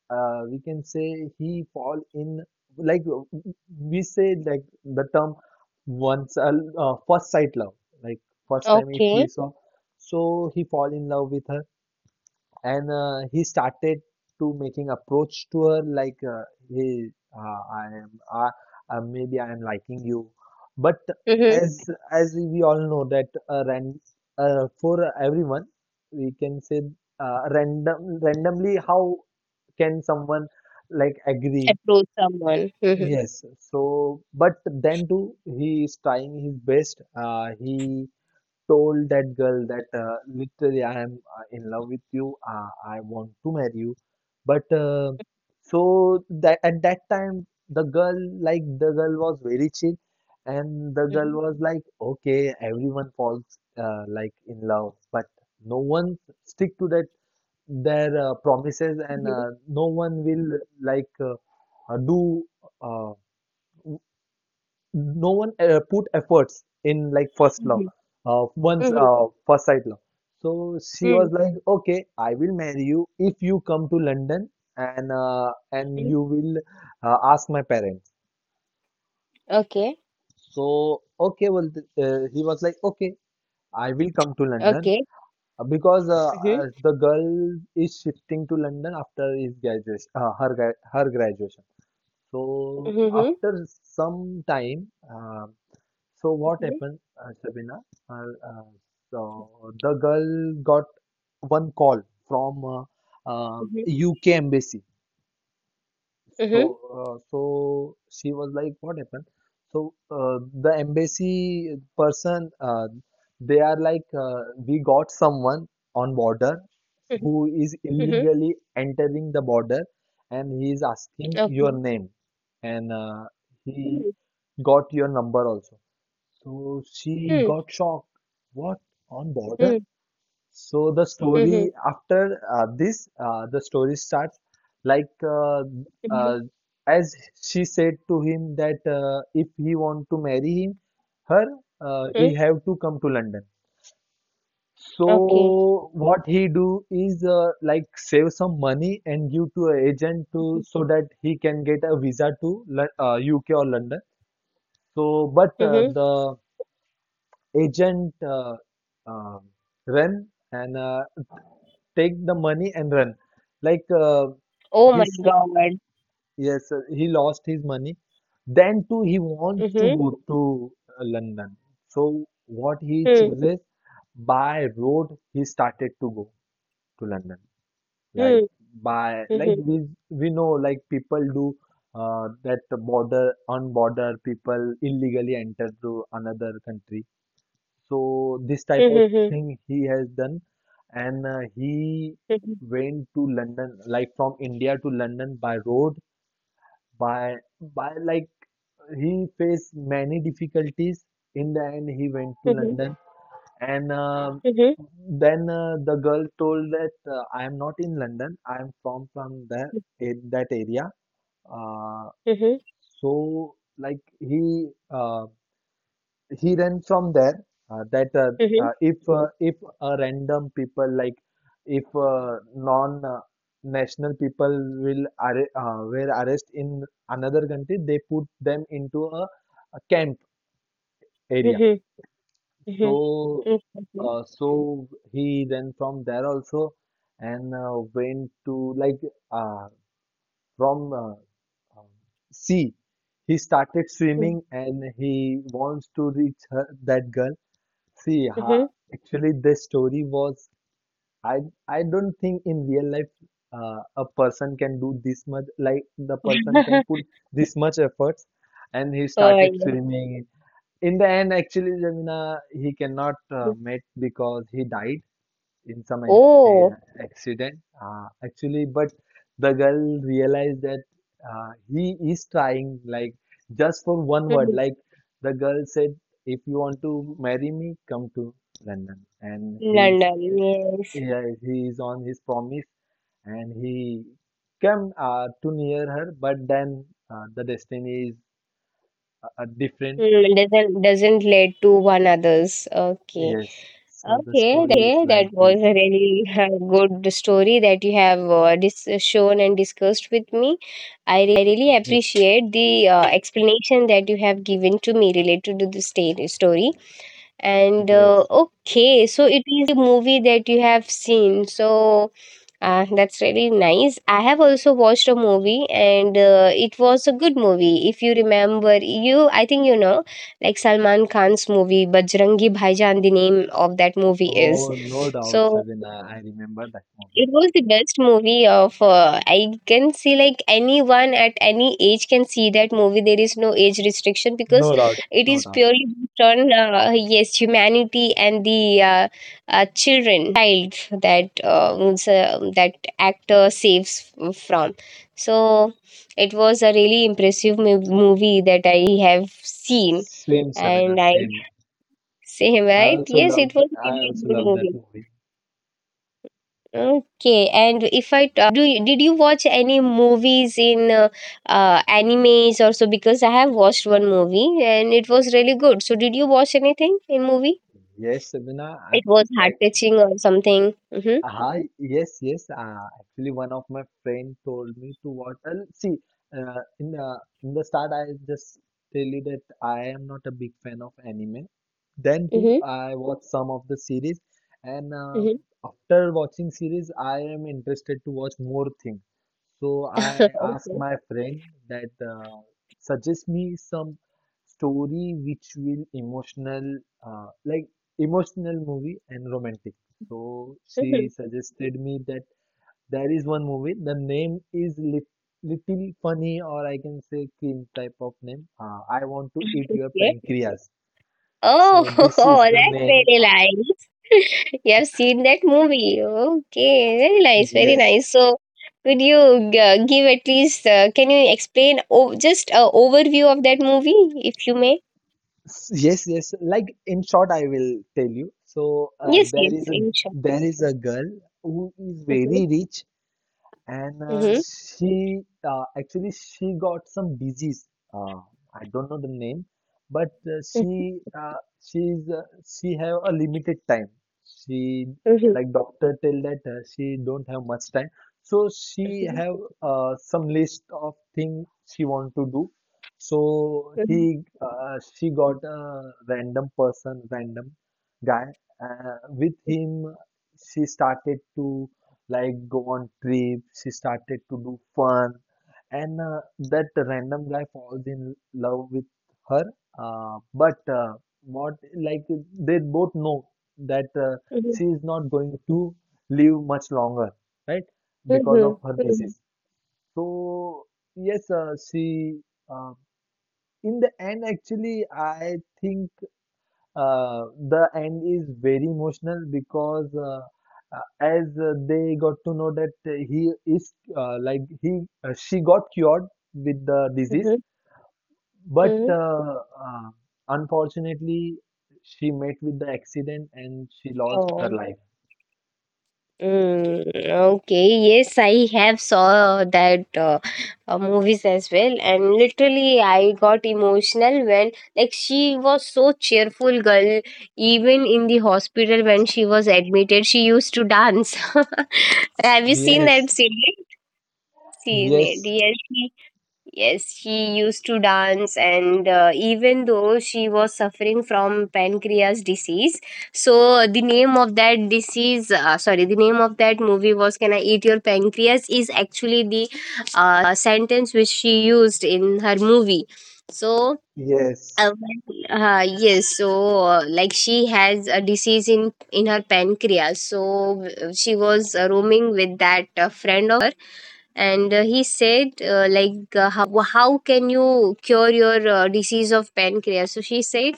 [SPEAKER 2] uh, we can say he fall in like, uh, we say like the term once uh, uh, first sight love, like first time if
[SPEAKER 1] Okay.
[SPEAKER 2] we saw. So he fall in love with her, and uh, he started to making approach to her like, uh, hey, uh, I am uh, uh, maybe I am liking you. But
[SPEAKER 1] Hmm,
[SPEAKER 2] as as we all know that, uh, ran, uh, for everyone we can say, uh, random randomly how can someone like agree
[SPEAKER 1] approach someone. Mhm,
[SPEAKER 2] yes. So but then too he is trying his best. Uh, he told that girl that, uh, literally I am uh, in love with you. Uh, I want to marry you. But uh, so that at that time, the girl like the girl was very chill, and the girl
[SPEAKER 1] mhm,
[SPEAKER 2] was like, okay, everyone falls uh, like in love, but no one stick to that their uh, promises, and
[SPEAKER 1] mhm,
[SPEAKER 2] uh, no one will like uh, uh, do. Uh, no one uh, put efforts in like first love,
[SPEAKER 1] mhm,
[SPEAKER 2] uh, once
[SPEAKER 1] mhm,
[SPEAKER 2] uh, first sight love. So she
[SPEAKER 1] mhm,
[SPEAKER 2] was like, okay, I will marry you if you come to London and uh, and
[SPEAKER 1] mhm.
[SPEAKER 2] you will uh, ask my parents.
[SPEAKER 1] Okay.
[SPEAKER 2] So okay, well, th- uh, he was like, okay, I will come to London.
[SPEAKER 1] Okay.
[SPEAKER 2] Uh, because uh,
[SPEAKER 1] Mhm,
[SPEAKER 2] uh, The girl is shifting to London after his graduation, uh, her gra- her graduation. So
[SPEAKER 1] mhm, mhm,
[SPEAKER 2] after some time, uh, so what
[SPEAKER 1] mhm,
[SPEAKER 2] happened, uh, Shabina? Uh, uh, so the girl got one call from uh, um
[SPEAKER 1] mhm,
[SPEAKER 2] U K embassy.
[SPEAKER 1] mhm,
[SPEAKER 2] So uh, so she was like, what happened? So uh, the embassy person, uh, they are like, uh, we got someone on border
[SPEAKER 1] mhm,
[SPEAKER 2] who is
[SPEAKER 1] mhm.
[SPEAKER 2] illegally entering the border, and he is asking
[SPEAKER 1] Okay.
[SPEAKER 2] your name, and uh, he
[SPEAKER 1] Mhm,
[SPEAKER 2] got your number also. So she
[SPEAKER 1] mhm,
[SPEAKER 2] got shocked. What? On border?
[SPEAKER 1] mhm,
[SPEAKER 2] So the
[SPEAKER 1] mhm,
[SPEAKER 2] story after uh, this, uh, the story starts like uh,
[SPEAKER 1] mhm,
[SPEAKER 2] uh, as she said to him that, uh, if he want to marry him, her, uh,
[SPEAKER 1] mhm.
[SPEAKER 2] he have to come to London.
[SPEAKER 1] Okay.
[SPEAKER 2] So what he do is, uh, like save some money and give to an agent, to
[SPEAKER 1] Mhm,
[SPEAKER 2] so that he can get a visa to Lon- uh, U K or London. So but uh,
[SPEAKER 1] mhm.
[SPEAKER 2] the agent uh, uh, run and uh, take the money and run. Like uh,
[SPEAKER 1] Oh my
[SPEAKER 2] his
[SPEAKER 1] God.
[SPEAKER 2] yes, uh, he lost his money. Then too, he wants to
[SPEAKER 1] Mhm,
[SPEAKER 2] go to uh, London. So what he
[SPEAKER 1] mhm,
[SPEAKER 2] chooses, by road, he started to go to London. Like
[SPEAKER 1] mhm,
[SPEAKER 2] by, like
[SPEAKER 1] mhm,
[SPEAKER 2] we we know, like people do uh, that border on border, people illegally enter to another country, so this type
[SPEAKER 1] mhm,
[SPEAKER 2] of
[SPEAKER 1] mhm,
[SPEAKER 2] thing he has done, and uh, he
[SPEAKER 1] mhm,
[SPEAKER 2] went to London, like from India to London by road, by by like he faced many difficulties. In the end, he went to
[SPEAKER 1] mhm,
[SPEAKER 2] London, and uh,
[SPEAKER 1] mhm,
[SPEAKER 2] then uh, the girl told that, uh, I am not in London. I am from from that that area. Uh, so like he uh, he then from there, uh, that uh,
[SPEAKER 1] mhm,
[SPEAKER 2] uh, if uh, if a random people, like, if uh, non uh, national people will arre uh, were arrest in another country, they put them into a, a camp area.
[SPEAKER 1] mhm, mhm.
[SPEAKER 2] So uh, so he then from there also, and uh, went to like, uh, from uh, um, sea, he started
[SPEAKER 1] Mm,
[SPEAKER 2] swimming and he wants to reach her, that girl. See,
[SPEAKER 1] okay. Mm,
[SPEAKER 2] ha,
[SPEAKER 1] mhm.
[SPEAKER 2] actually, the story was, I I don't think in real life uh, a person can do this much. Like the person can
[SPEAKER 1] <laughs>
[SPEAKER 2] put this much efforts, and he
[SPEAKER 1] Oh,
[SPEAKER 2] started
[SPEAKER 1] yeah.
[SPEAKER 2] swimming. In the end, actually, Jamina, he cannot
[SPEAKER 1] Mm.
[SPEAKER 2] uh, met because he died in some in-
[SPEAKER 1] Oh.
[SPEAKER 2] a- accident. Uh, actually, but the girl realized that, uh, he is trying, like, just for one word. Like, the girl said, if you want to marry me, come to London. And he's,
[SPEAKER 1] London,
[SPEAKER 2] eh,
[SPEAKER 1] yes.
[SPEAKER 2] yeah, he is on his promise and he came uh, to near her, but then uh, the destiny is uh, uh, different.
[SPEAKER 1] Hmm, doesn't doesn't lead to one others. Okay,
[SPEAKER 2] Yes. So the
[SPEAKER 1] okay.
[SPEAKER 2] story is like
[SPEAKER 1] That was
[SPEAKER 2] this.
[SPEAKER 1] a really <laughs> uh, good story that you have uh, dis- shown and discussed with me. I really
[SPEAKER 2] Yes.
[SPEAKER 1] appreciate the uh, explanation that you have given to me related to this sta- story. And uh,
[SPEAKER 2] Yes.
[SPEAKER 1] okay, so it is the movie that you have seen. So uh, that's really nice. I have also watched a movie, and uh, it was a good movie. If you remember, you I think you know, like Salman Khan's movie, Bajrangi Bhaijaan. The name of that movie is.
[SPEAKER 2] Oh, no doubt,
[SPEAKER 1] So
[SPEAKER 2] Shabina. I remember that movie.
[SPEAKER 1] it was the best movie of uh, I can see like anyone at any age can see that movie. There is no age restriction because
[SPEAKER 2] No doubt.
[SPEAKER 1] it
[SPEAKER 2] No
[SPEAKER 1] is
[SPEAKER 2] doubt.
[SPEAKER 1] purely based on uh, yes humanity and the uh, uh, children, the child that uh, means, uh, that actor saves f- from. So it was a really impressive mo- movie that I have seen,
[SPEAKER 2] Same, Shabina,
[SPEAKER 1] and I
[SPEAKER 2] same.
[SPEAKER 1] <laughs> same
[SPEAKER 2] I
[SPEAKER 1] right
[SPEAKER 2] also
[SPEAKER 1] yes, it
[SPEAKER 2] love,
[SPEAKER 1] was
[SPEAKER 2] I
[SPEAKER 1] really a
[SPEAKER 2] also
[SPEAKER 1] good
[SPEAKER 2] love that
[SPEAKER 1] movie.
[SPEAKER 2] movie.
[SPEAKER 1] Okay, and if I uh, do, you- did you watch any movies in uh, uh, animes also? Because I have watched one movie and it was really good. So, did you watch anything in movie?
[SPEAKER 2] Yes, Shabina.
[SPEAKER 1] It was heart touching or something. Mm-hmm.
[SPEAKER 2] Uh, Hi, yes, yes. Uh, actually, one of my friend told me to watch. Uh, see, uh, in the in the start, I just tell you that I am not a big fan of anime. Then too,
[SPEAKER 1] Mm-hmm.
[SPEAKER 2] I watched some of the series, and uh,
[SPEAKER 1] Mm-hmm.
[SPEAKER 2] after watching series, I am interested to watch more things. So
[SPEAKER 1] <laughs>
[SPEAKER 2] I asked
[SPEAKER 1] Okay.
[SPEAKER 2] my friend that, uh, suggest me some story which will emotional, uh, like emotional movie and romantic. So she
[SPEAKER 1] Mhm.
[SPEAKER 2] suggested me that there is one movie. The name is lit little funny, or I can say cringe type of name. Uh, I want to eat your
[SPEAKER 1] Okay. <laughs>
[SPEAKER 2] pancreas.
[SPEAKER 1] Oh,
[SPEAKER 2] So this is
[SPEAKER 1] <laughs>
[SPEAKER 2] the
[SPEAKER 1] that's
[SPEAKER 2] name.
[SPEAKER 1] really
[SPEAKER 2] Uh,
[SPEAKER 1] nice. <laughs> You have seen that movie. Okay, very nice, very
[SPEAKER 2] yes,
[SPEAKER 1] nice. So, could you g- give at least, uh, can you explain o- just a overview of that movie, if you may?
[SPEAKER 2] S- yes, yes. Like in short, I will tell you. So uh,
[SPEAKER 1] Yes,
[SPEAKER 2] there
[SPEAKER 1] yes,
[SPEAKER 2] is a
[SPEAKER 1] in short.
[SPEAKER 2] there is a girl who is
[SPEAKER 1] Mm-hmm.
[SPEAKER 2] very rich, and uh,
[SPEAKER 1] Mm-hmm.
[SPEAKER 2] she uh, actually she got some disease, uh, I don't know the name, but uh, she uh, she's uh, she have a limited time. She
[SPEAKER 1] Mm-hmm.
[SPEAKER 2] like Doctor tell that uh, she don't have much time, so she
[SPEAKER 1] Mm-hmm.
[SPEAKER 2] have uh, some list of thing she want to do. So he
[SPEAKER 1] Mm-hmm.
[SPEAKER 2] uh, she got a random person, random guy, uh, with him she started to like go on trip. She started to do fun, and uh, that random guy falls in love with her. Uh, but uh, What, like, they both know that, uh,
[SPEAKER 1] Mm-hmm.
[SPEAKER 2] she is not going to live much longer, right? Because
[SPEAKER 1] Mm-hmm.
[SPEAKER 2] of her
[SPEAKER 1] Mm-hmm.
[SPEAKER 2] disease. So yes, uh, she uh, in the end, actually I think uh, the end is very emotional because uh, uh, as uh, they got to know that, uh, he is uh, like he uh, she got cured with the disease, but
[SPEAKER 1] Mm-hmm.
[SPEAKER 2] uh, uh, unfortunately she met with the accident and she lost her
[SPEAKER 1] Oh.
[SPEAKER 2] life.
[SPEAKER 1] Mm, okay, yes, I have saw that uh, uh, movies as well, and literally I got emotional when like she was so cheerful girl. Even in the hospital when she was admitted, she used to dance. <laughs> Have you seen
[SPEAKER 2] Yes,
[SPEAKER 1] that series? Seen it?
[SPEAKER 2] yes,
[SPEAKER 1] Yes, yes, she used to dance, and uh, even though she was suffering from pancreas disease. So the name of that disease, uh, sorry, the name of that movie was "Can I Eat Your Pancreas?" is actually the uh, sentence which she used in her movie. So uh,
[SPEAKER 2] yes. <laughs>
[SPEAKER 1] when- uh, yes, so uh, like she has a disease in in her pancreas. So uh, she was uh, roaming with that uh, friend of her, and uh, he said uh, like uh, how how can you cure your uh, disease of pancreas? So she said,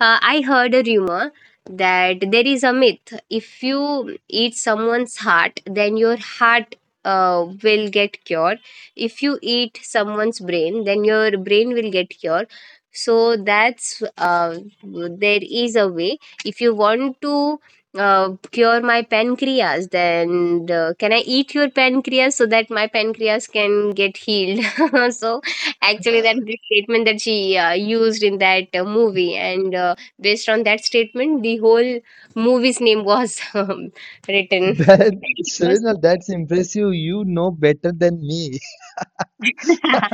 [SPEAKER 1] uh, I heard a rumor that there is a myth. If you eat someone's heart, then your heart uh, will get cured. If you eat someone's brain, then your brain will get cured. So that's uh, there is a way, if you want to uh, cure my pancreas, then uh, can I eat your pancreas so that my pancreas can get healed. <laughs> So actually that's the statement that she uh, used in that uh, movie, and uh, based on that statement the whole movie's name was <laughs> um, written. <laughs>
[SPEAKER 2] That Shavina, that's impressive. You know better than me.
[SPEAKER 1] <laughs>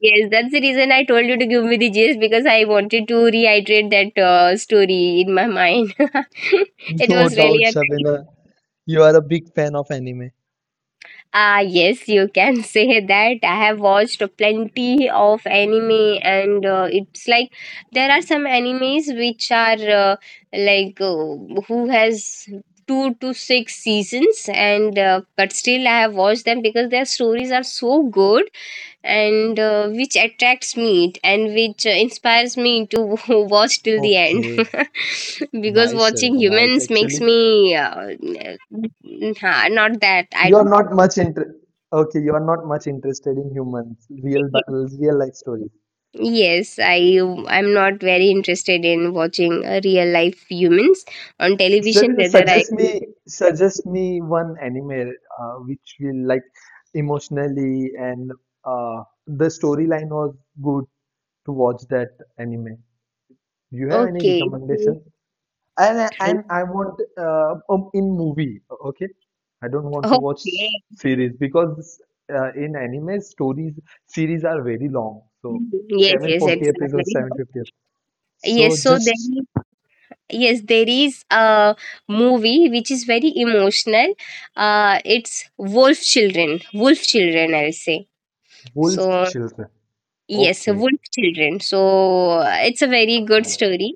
[SPEAKER 1] Yes, that's the reason I told you to give me the gist, because I wanted to reiterate that uh, story in my mind.
[SPEAKER 2] <laughs>
[SPEAKER 1] <laughs> It
[SPEAKER 2] No
[SPEAKER 1] was
[SPEAKER 2] doubt,
[SPEAKER 1] really a.
[SPEAKER 2] Shavina. You are a big fan of anime.
[SPEAKER 1] Ah, yes, you can <laughs> say that. I have watched plenty of anime, and uh, it's like there are some animes which are uh, like uh, who has two to six seasons, and uh, but still I have watched them because their stories are so good and uh, which attracts me and which uh, inspires me to <laughs> watch till the end.
[SPEAKER 2] Okay.
[SPEAKER 1] <laughs> Because
[SPEAKER 2] Nice,
[SPEAKER 1] watching
[SPEAKER 2] Savina. Nice.
[SPEAKER 1] humans makes
[SPEAKER 2] Actually,
[SPEAKER 1] me uh, nah, not that I don't
[SPEAKER 2] you're not much inter- okay, you are not much interested in humans,
[SPEAKER 1] think
[SPEAKER 2] real,
[SPEAKER 1] it.
[SPEAKER 2] bi- real life stories.
[SPEAKER 1] Yes i i'm not very interested in watching uh, real life humans on television,
[SPEAKER 2] Savina,
[SPEAKER 1] whether I
[SPEAKER 2] suggest me, suggest me one anime uh, which will like emotionally and uh, the storyline was good to watch that anime. Do you have any
[SPEAKER 1] okay so-
[SPEAKER 2] recommendations? and and I want, uh, um, in movie, okay? I don't want to watch
[SPEAKER 1] okay,
[SPEAKER 2] series because uh, in anime stories, series are very long, so
[SPEAKER 1] yes, yes,
[SPEAKER 2] seven forty
[SPEAKER 1] it's not
[SPEAKER 2] episodes,
[SPEAKER 1] very low,
[SPEAKER 2] seven fifty episodes. So
[SPEAKER 1] yes, so
[SPEAKER 2] just
[SPEAKER 1] then yes, there is a movie which is very emotional. Uh, it's Wolf Children. Wolf Children, I'll say.
[SPEAKER 2] Wolf
[SPEAKER 1] So,
[SPEAKER 2] Children,
[SPEAKER 1] yes,
[SPEAKER 2] okay?
[SPEAKER 1] Wolf Children. So, uh, it's a very good story.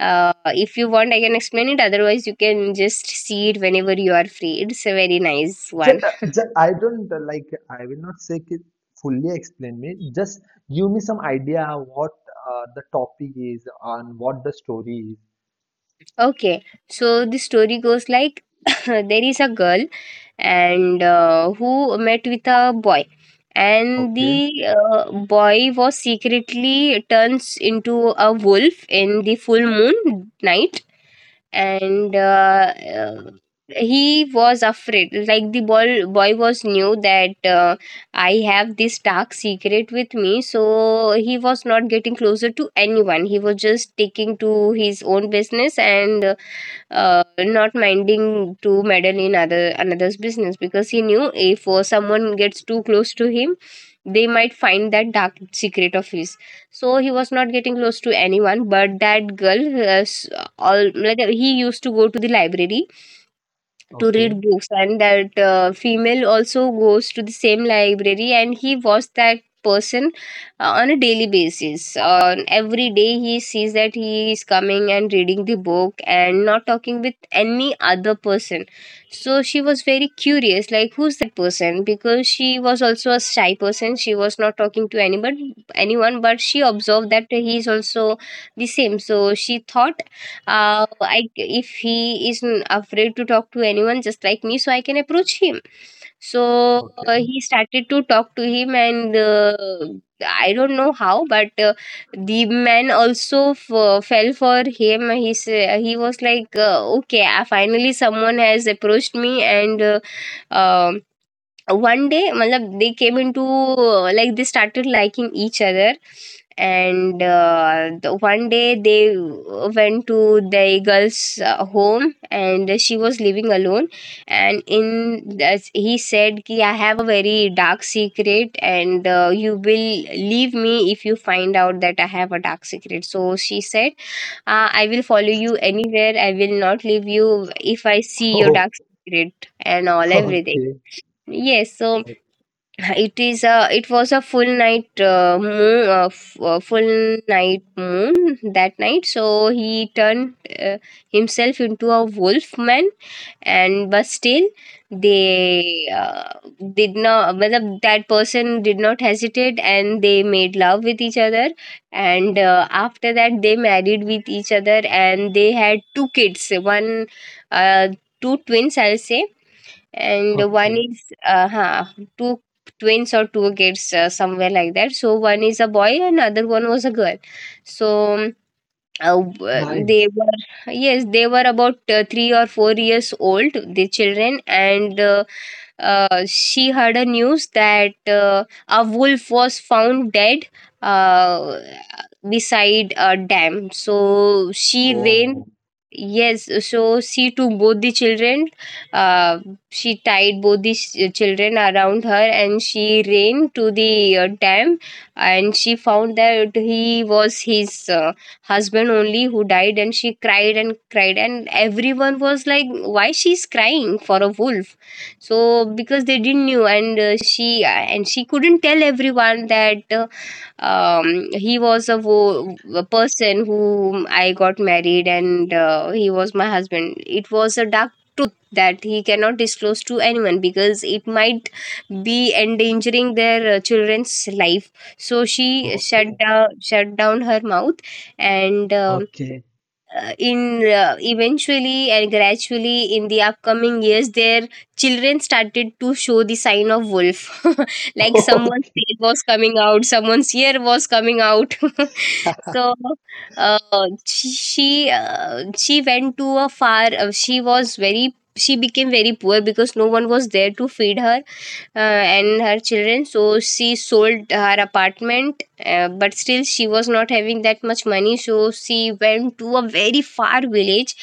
[SPEAKER 1] Uh, if you want, I can explain it. Otherwise, you can just see it whenever you are free. It's a very nice
[SPEAKER 2] Just,
[SPEAKER 1] one.
[SPEAKER 2] just I don't uh, like, I will not say it fully explain me. Just give me some idea what uh, the topic is and what the story is.
[SPEAKER 1] Okay, so the story goes like <laughs> <coughs> there is a girl and uh, who met with a boy, and
[SPEAKER 2] Okay,
[SPEAKER 1] the uh, boy was secretly turns into a wolf in the full moon night, and uh, uh, he was afraid. Like the boy, boy was knew that uh, I have this dark secret with me, so he was not getting closer to anyone. He was just taking to his own business and uh, uh, not minding to meddle in other another's business, because he knew if uh, someone gets too close to him they might find that dark secret of his. So he was not getting close to anyone but that girl uh, s- all like, he used to go to the library to
[SPEAKER 2] okay,
[SPEAKER 1] read books, and that uh, female also goes to the same library, and he was that person uh, on a daily basis, on every day he sees that he is coming and reading the book and not talking with any other person. So she was very curious, like who's that person, because she was also a shy person, she was not talking to anybody anyone. But she observed that he is also the same. So she thought, uh, I, if he is n- afraid to talk to anyone just like me, so I can approach him. So
[SPEAKER 2] okay.
[SPEAKER 1] uh,
[SPEAKER 2] <laughs>
[SPEAKER 1] he started to talk to him, and uh, I don't know how, but uh, the man also f- fell for him. He sa- he was like uh, okay, uh, finally someone has approached me. And uh, um one day matlab, they came into uh, like they started liking each other. And uh, the one day they went to the girl's uh, home, and she was living alone, and in as he said ki, I have a very dark secret and uh, you will leave me if you find out that I have a dark secret. So she said, uh, I will follow you anywhere, I will not leave you if I see your
[SPEAKER 2] Oh,
[SPEAKER 1] dark secret and all everything.
[SPEAKER 2] okay,
[SPEAKER 1] Yes, so it is a it was a full night uh, moon uh, f- uh, full night moon that night, so he turned uh, himself into a wolf man. And but still they uh, did not, well, that person did not hesitate, and they made love with each other. And uh, after that they married with each other and they had two kids, one uh, two twins I'll say, and one
[SPEAKER 2] okay.
[SPEAKER 1] is uh, huh, two twins or two kids, uh, somewhere like that. So one is a boy and other one was a girl. So um, uh, w- they
[SPEAKER 2] Nice.
[SPEAKER 1] were, yes they were, about uh, three or four years old, the children. And uh, uh, she heard a news that uh, a wolf was found dead uh, beside a dam. So she ran,
[SPEAKER 2] Oh,
[SPEAKER 1] yes. So she took both the children, uh, she tied both the ch- children around her, and she ran to the uh, dam. And she found that he was his uh, husband only who died. And she cried and cried, and everyone was like, why she's crying for a wolf? So because they didn't knew. And uh, she, and she couldn't tell everyone that uh, um, he was a, wo- a person whom I got married, and uh, he was my husband. It was a dark truth that he cannot disclose to anyone because it might be endangering their uh, children's life. So she shut
[SPEAKER 2] okay,
[SPEAKER 1] down, shut down her mouth, and um
[SPEAKER 2] okay,
[SPEAKER 1] uh, in uh, eventually and gradually in the upcoming years, their children started to show the sign of wolf <laughs> like someone's
[SPEAKER 2] <laughs> okay,
[SPEAKER 1] tail was coming out, someone's ear was coming out <laughs> so uh, she uh, she went to a far uh, she was very, she became very poor because no one was there to feed her uh, and her children. So she sold her apartment, uh, but still she was not having that much money. So she went to a very far village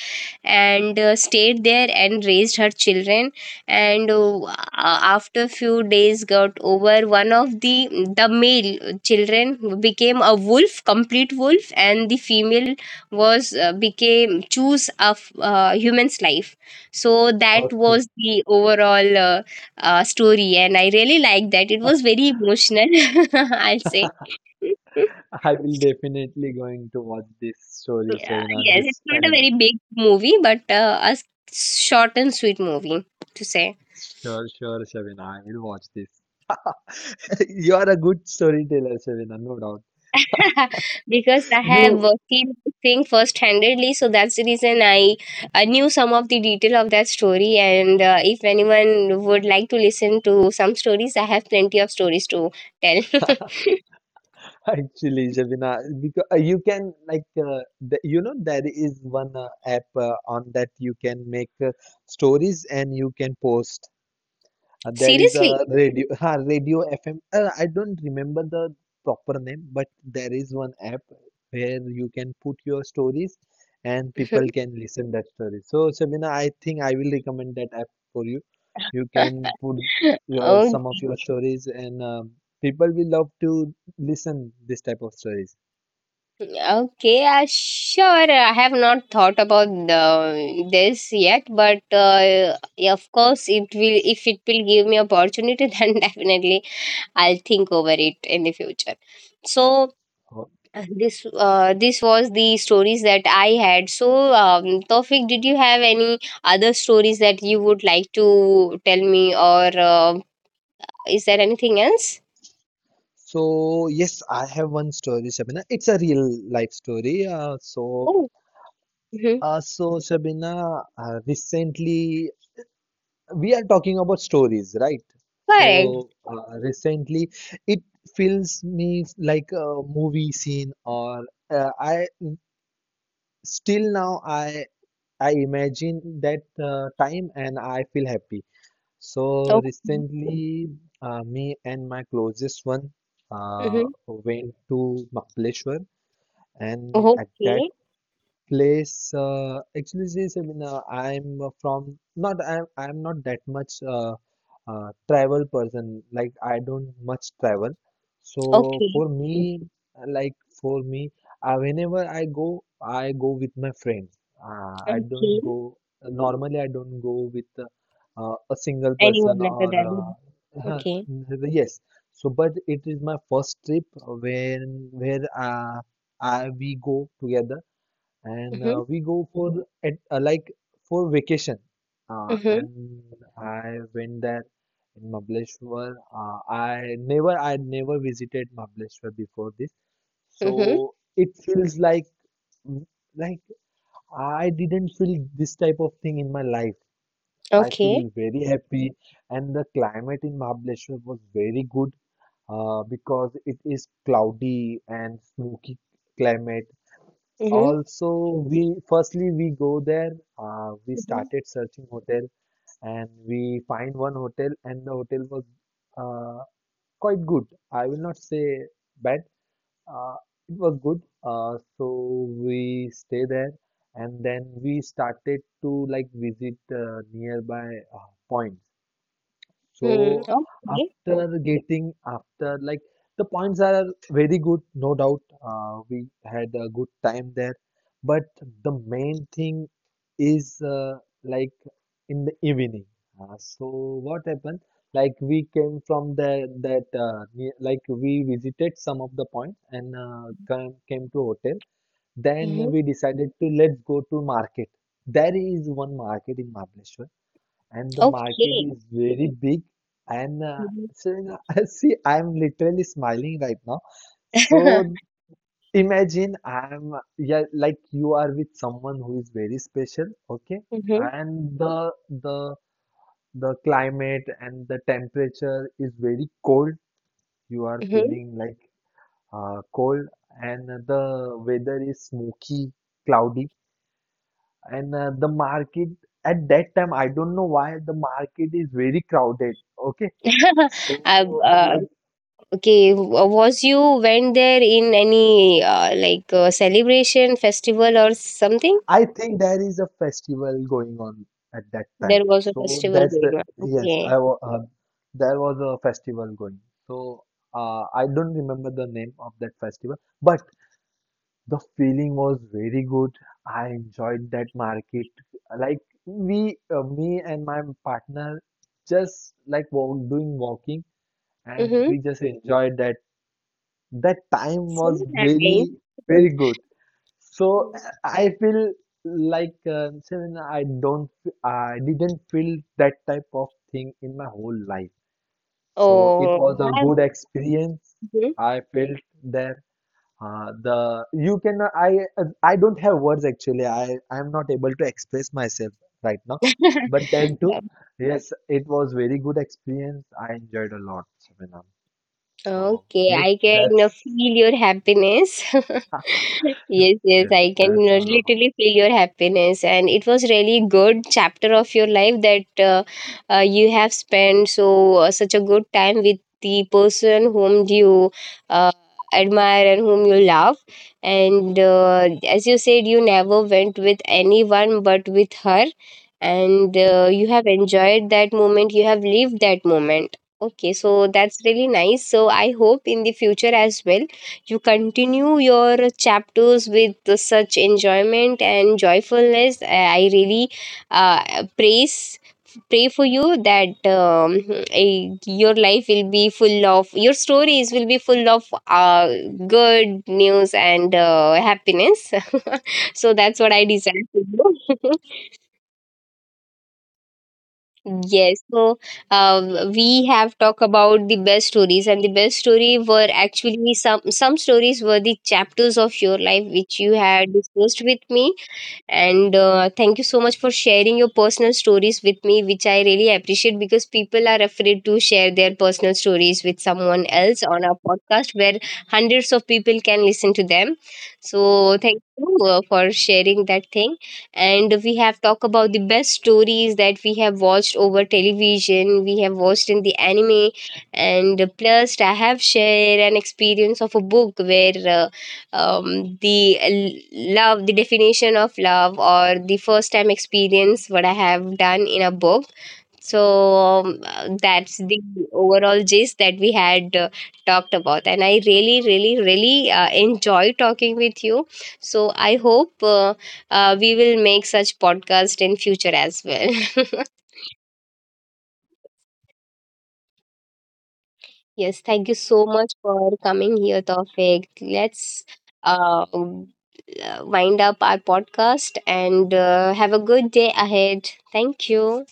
[SPEAKER 1] and uh, stayed there and raised her children. And uh, after few days got over, one of the the male children became a wolf, complete wolf, and the female was uh, became choose of uh, human's life. So that
[SPEAKER 2] okay.
[SPEAKER 1] was the overall uh, uh, story, and I really liked that. It was very emotional, <laughs> I'll say.
[SPEAKER 2] I will definitely going to watch this story,
[SPEAKER 1] Yeah,
[SPEAKER 2] Shavina,
[SPEAKER 1] yes, it's
[SPEAKER 2] this
[SPEAKER 1] not a
[SPEAKER 2] anime.
[SPEAKER 1] very big movie, but uh, a s- short and sweet movie to say.
[SPEAKER 2] Sure, sure, Shavina, I will watch this. <laughs> You are a good storyteller, Shavina, no doubt.
[SPEAKER 1] <laughs> Because I have uh,
[SPEAKER 2] You
[SPEAKER 1] seen this thing first-handedly, so that's the reason I, I knew some of the detail of that story. And uh, if anyone would like to listen to some stories, I have plenty of stories to tell.
[SPEAKER 2] <laughs> actually, Shavina, because uh, you can like, uh, the, you know, there is one uh, app, uh, on that you can make uh, stories and you can post.
[SPEAKER 1] <laughs>
[SPEAKER 2] Uh, there is
[SPEAKER 1] Seriously.
[SPEAKER 2] a radio, <laughs> ha, radio F M. Uh, I don't remember the proper name, but there is one app where you can put your stories and people
[SPEAKER 1] <laughs>
[SPEAKER 2] can listen that story. So, Sabina, I think I will recommend that app for you. You can put your some of
[SPEAKER 1] Okay.
[SPEAKER 2] your stories, and um people will love to listen this type of stories.
[SPEAKER 1] Okay, uh, sure. uh, I have not thought about the, this yet, but uh, yeah, of course, it will. If it will give me opportunity, <laughs> then definitely I'll think over it in the future. So
[SPEAKER 2] Oh.
[SPEAKER 1] uh, this uh, this was the stories that I had. So um, Tofik, did you have any other stories that you would like to tell me, or uh, is there anything else?
[SPEAKER 2] So, yes, I have one story, Sabina. It's a real life story. Uh, so.
[SPEAKER 1] Oh, mm-hmm.
[SPEAKER 2] Uh, so Shabina, uh, recently we are talking about stories, right?
[SPEAKER 1] Correct.
[SPEAKER 2] So uh, recently, it feels me like a movie scene, or uh, I still now I I imagine that uh, time and I feel happy. So
[SPEAKER 1] Okay.
[SPEAKER 2] recently, uh, me and my closest one uh,
[SPEAKER 1] Mm-hmm.
[SPEAKER 2] went to Mahabaleshwar, and at that
[SPEAKER 1] Okay.
[SPEAKER 2] place uh, actually says I mean uh, I'm from not I'm I'm not that much uh, uh, travel person, like I don't much travel. So
[SPEAKER 1] Okay.
[SPEAKER 2] for me, like for me uh, whenever I go, I go with my friends. uh, I
[SPEAKER 1] Okay.
[SPEAKER 2] don't go normally. I don't go with uh, uh, a single person
[SPEAKER 1] Anyone other
[SPEAKER 2] or
[SPEAKER 1] than him.
[SPEAKER 2] uh,
[SPEAKER 1] Okay.
[SPEAKER 2] <laughs> yes. So but it is my first trip when where uh, I, we go together, and
[SPEAKER 1] Mm-hmm.
[SPEAKER 2] uh, we go for at uh, like for vacation, uh,
[SPEAKER 1] Mm-hmm.
[SPEAKER 2] and I went there in Mahabaleshwar. uh, I never I never visited Mahabaleshwar before this,
[SPEAKER 1] Mm-hmm.
[SPEAKER 2] so it feels like, like I didn't feel this type of thing in my life. I
[SPEAKER 1] Okay.
[SPEAKER 2] feel very happy, and the climate in Mahabaleshwar was very good, uh, because it is cloudy and smoky climate.
[SPEAKER 1] Mm-hmm.
[SPEAKER 2] Also, we firstly we go there. Uh, we
[SPEAKER 1] Mm-hmm.
[SPEAKER 2] started searching hotel, and we find one hotel, and the hotel was uh, quite good. I will not say bad. Uh, it was good. Uh, so we stay there, and then we started to like visit uh, nearby uh, points.
[SPEAKER 1] Mm,
[SPEAKER 2] So
[SPEAKER 1] okay.
[SPEAKER 2] after getting, after like the points are very good, no doubt. Uh, we had a good time there, but the main thing is, uh, like in the evening. Uh, so what happened? Like we came from the that uh, near, like we visited some of the points and uh, came, came to hotel. Then
[SPEAKER 1] Mm-hmm.
[SPEAKER 2] we decided to let's go to market. There is one market in Mahabaleshwar, and the market
[SPEAKER 1] Okay.
[SPEAKER 2] is very big, and uh,
[SPEAKER 1] Mm-hmm.
[SPEAKER 2] so you know, <laughs> see I'm literally smiling right now, so imagine I'm, yeah, like you are with someone who is very special, okay,
[SPEAKER 1] Mm-hmm.
[SPEAKER 2] and the the the climate and the temperature is very cold. You are
[SPEAKER 1] Mm-hmm.
[SPEAKER 2] feeling like uh, cold, and the weather is smoky, cloudy, and uh, the market at that time, I don't know why the market is very crowded, okay.
[SPEAKER 1] <laughs> uh,
[SPEAKER 2] So,
[SPEAKER 1] uh,
[SPEAKER 2] like,
[SPEAKER 1] okay. w- Was you went there in any uh, like uh, celebration, festival, or something?
[SPEAKER 2] I think there is a festival going on at that time.
[SPEAKER 1] There was a
[SPEAKER 2] So
[SPEAKER 1] festival
[SPEAKER 2] that's
[SPEAKER 1] going
[SPEAKER 2] the,
[SPEAKER 1] on.
[SPEAKER 2] yes,
[SPEAKER 1] Okay.
[SPEAKER 2] I wa uh, there was a festival going. So uh, I don't remember the name of that festival, but the feeling was very good. I enjoyed that market. Like we, uh, me and my partner, just like walk, doing walking, and
[SPEAKER 1] Mm-hmm.
[SPEAKER 2] we just enjoyed that. That time
[SPEAKER 1] So
[SPEAKER 2] was
[SPEAKER 1] nice.
[SPEAKER 2] very, very good. So
[SPEAKER 1] <laughs>
[SPEAKER 2] I feel like uh, Simran, I don't, I didn't feel that type of thing in my whole life. So it
[SPEAKER 1] Oh,
[SPEAKER 2] was a
[SPEAKER 1] I,
[SPEAKER 2] good experience
[SPEAKER 1] mhm.
[SPEAKER 2] I felt there. Uh, the you can I I don't have words actually. I I am not able to express myself right now. But then too,
[SPEAKER 1] <laughs>
[SPEAKER 2] yes, it was very good experience. I enjoyed a lot, Simran. So
[SPEAKER 1] Okay,
[SPEAKER 2] yes,
[SPEAKER 1] I can
[SPEAKER 2] that's
[SPEAKER 1] feel your happiness. <laughs> Yes, yes,
[SPEAKER 2] yes,
[SPEAKER 1] I can you
[SPEAKER 2] that's
[SPEAKER 1] know,
[SPEAKER 2] all about.
[SPEAKER 1] literally feel your happiness, and it was really good chapter of your life that uh, uh, you have spent so uh, such a good time with the person whom you uh, admire and whom you love. And uh, as you said, you never went with anyone but with her, and uh, you have enjoyed that moment. You have lived that moment. Okay, so that's really nice. So I hope in the future as well you continue your chapters with such enjoyment and joyfulness. I really uh, praise, pray for you that um, eh, your life will be full of, your stories will be full of uh, good news and uh, happiness <laughs> so that's what I desire to do. <laughs> Yes, so um, we have talked about the best stories, and the best story were actually some some stories were the chapters of your life which you had discussed with me, and uh, thank you so much for sharing your personal stories with me, which I really appreciate because people are afraid to share their personal stories with someone else on our podcast where hundreds of people can listen to them. So thank you uh, for sharing that thing. And we have talked about the best stories that we have watched over television, we have watched in the anime, and plus I have shared an experience of a book where uh, um, the l- love, the definition of love, or the first time experience what I have done in a book. So um, uh, that's the overall gist that we had uh, talked about, and I really, really, really uh, enjoy talking with you. So I hope uh, uh, we will make such podcast in future as well. <laughs> Yes, thank you so much for coming here, Tawfiq. Let's uh, um, uh, wind up our podcast and uh, have a good day ahead. Thank you.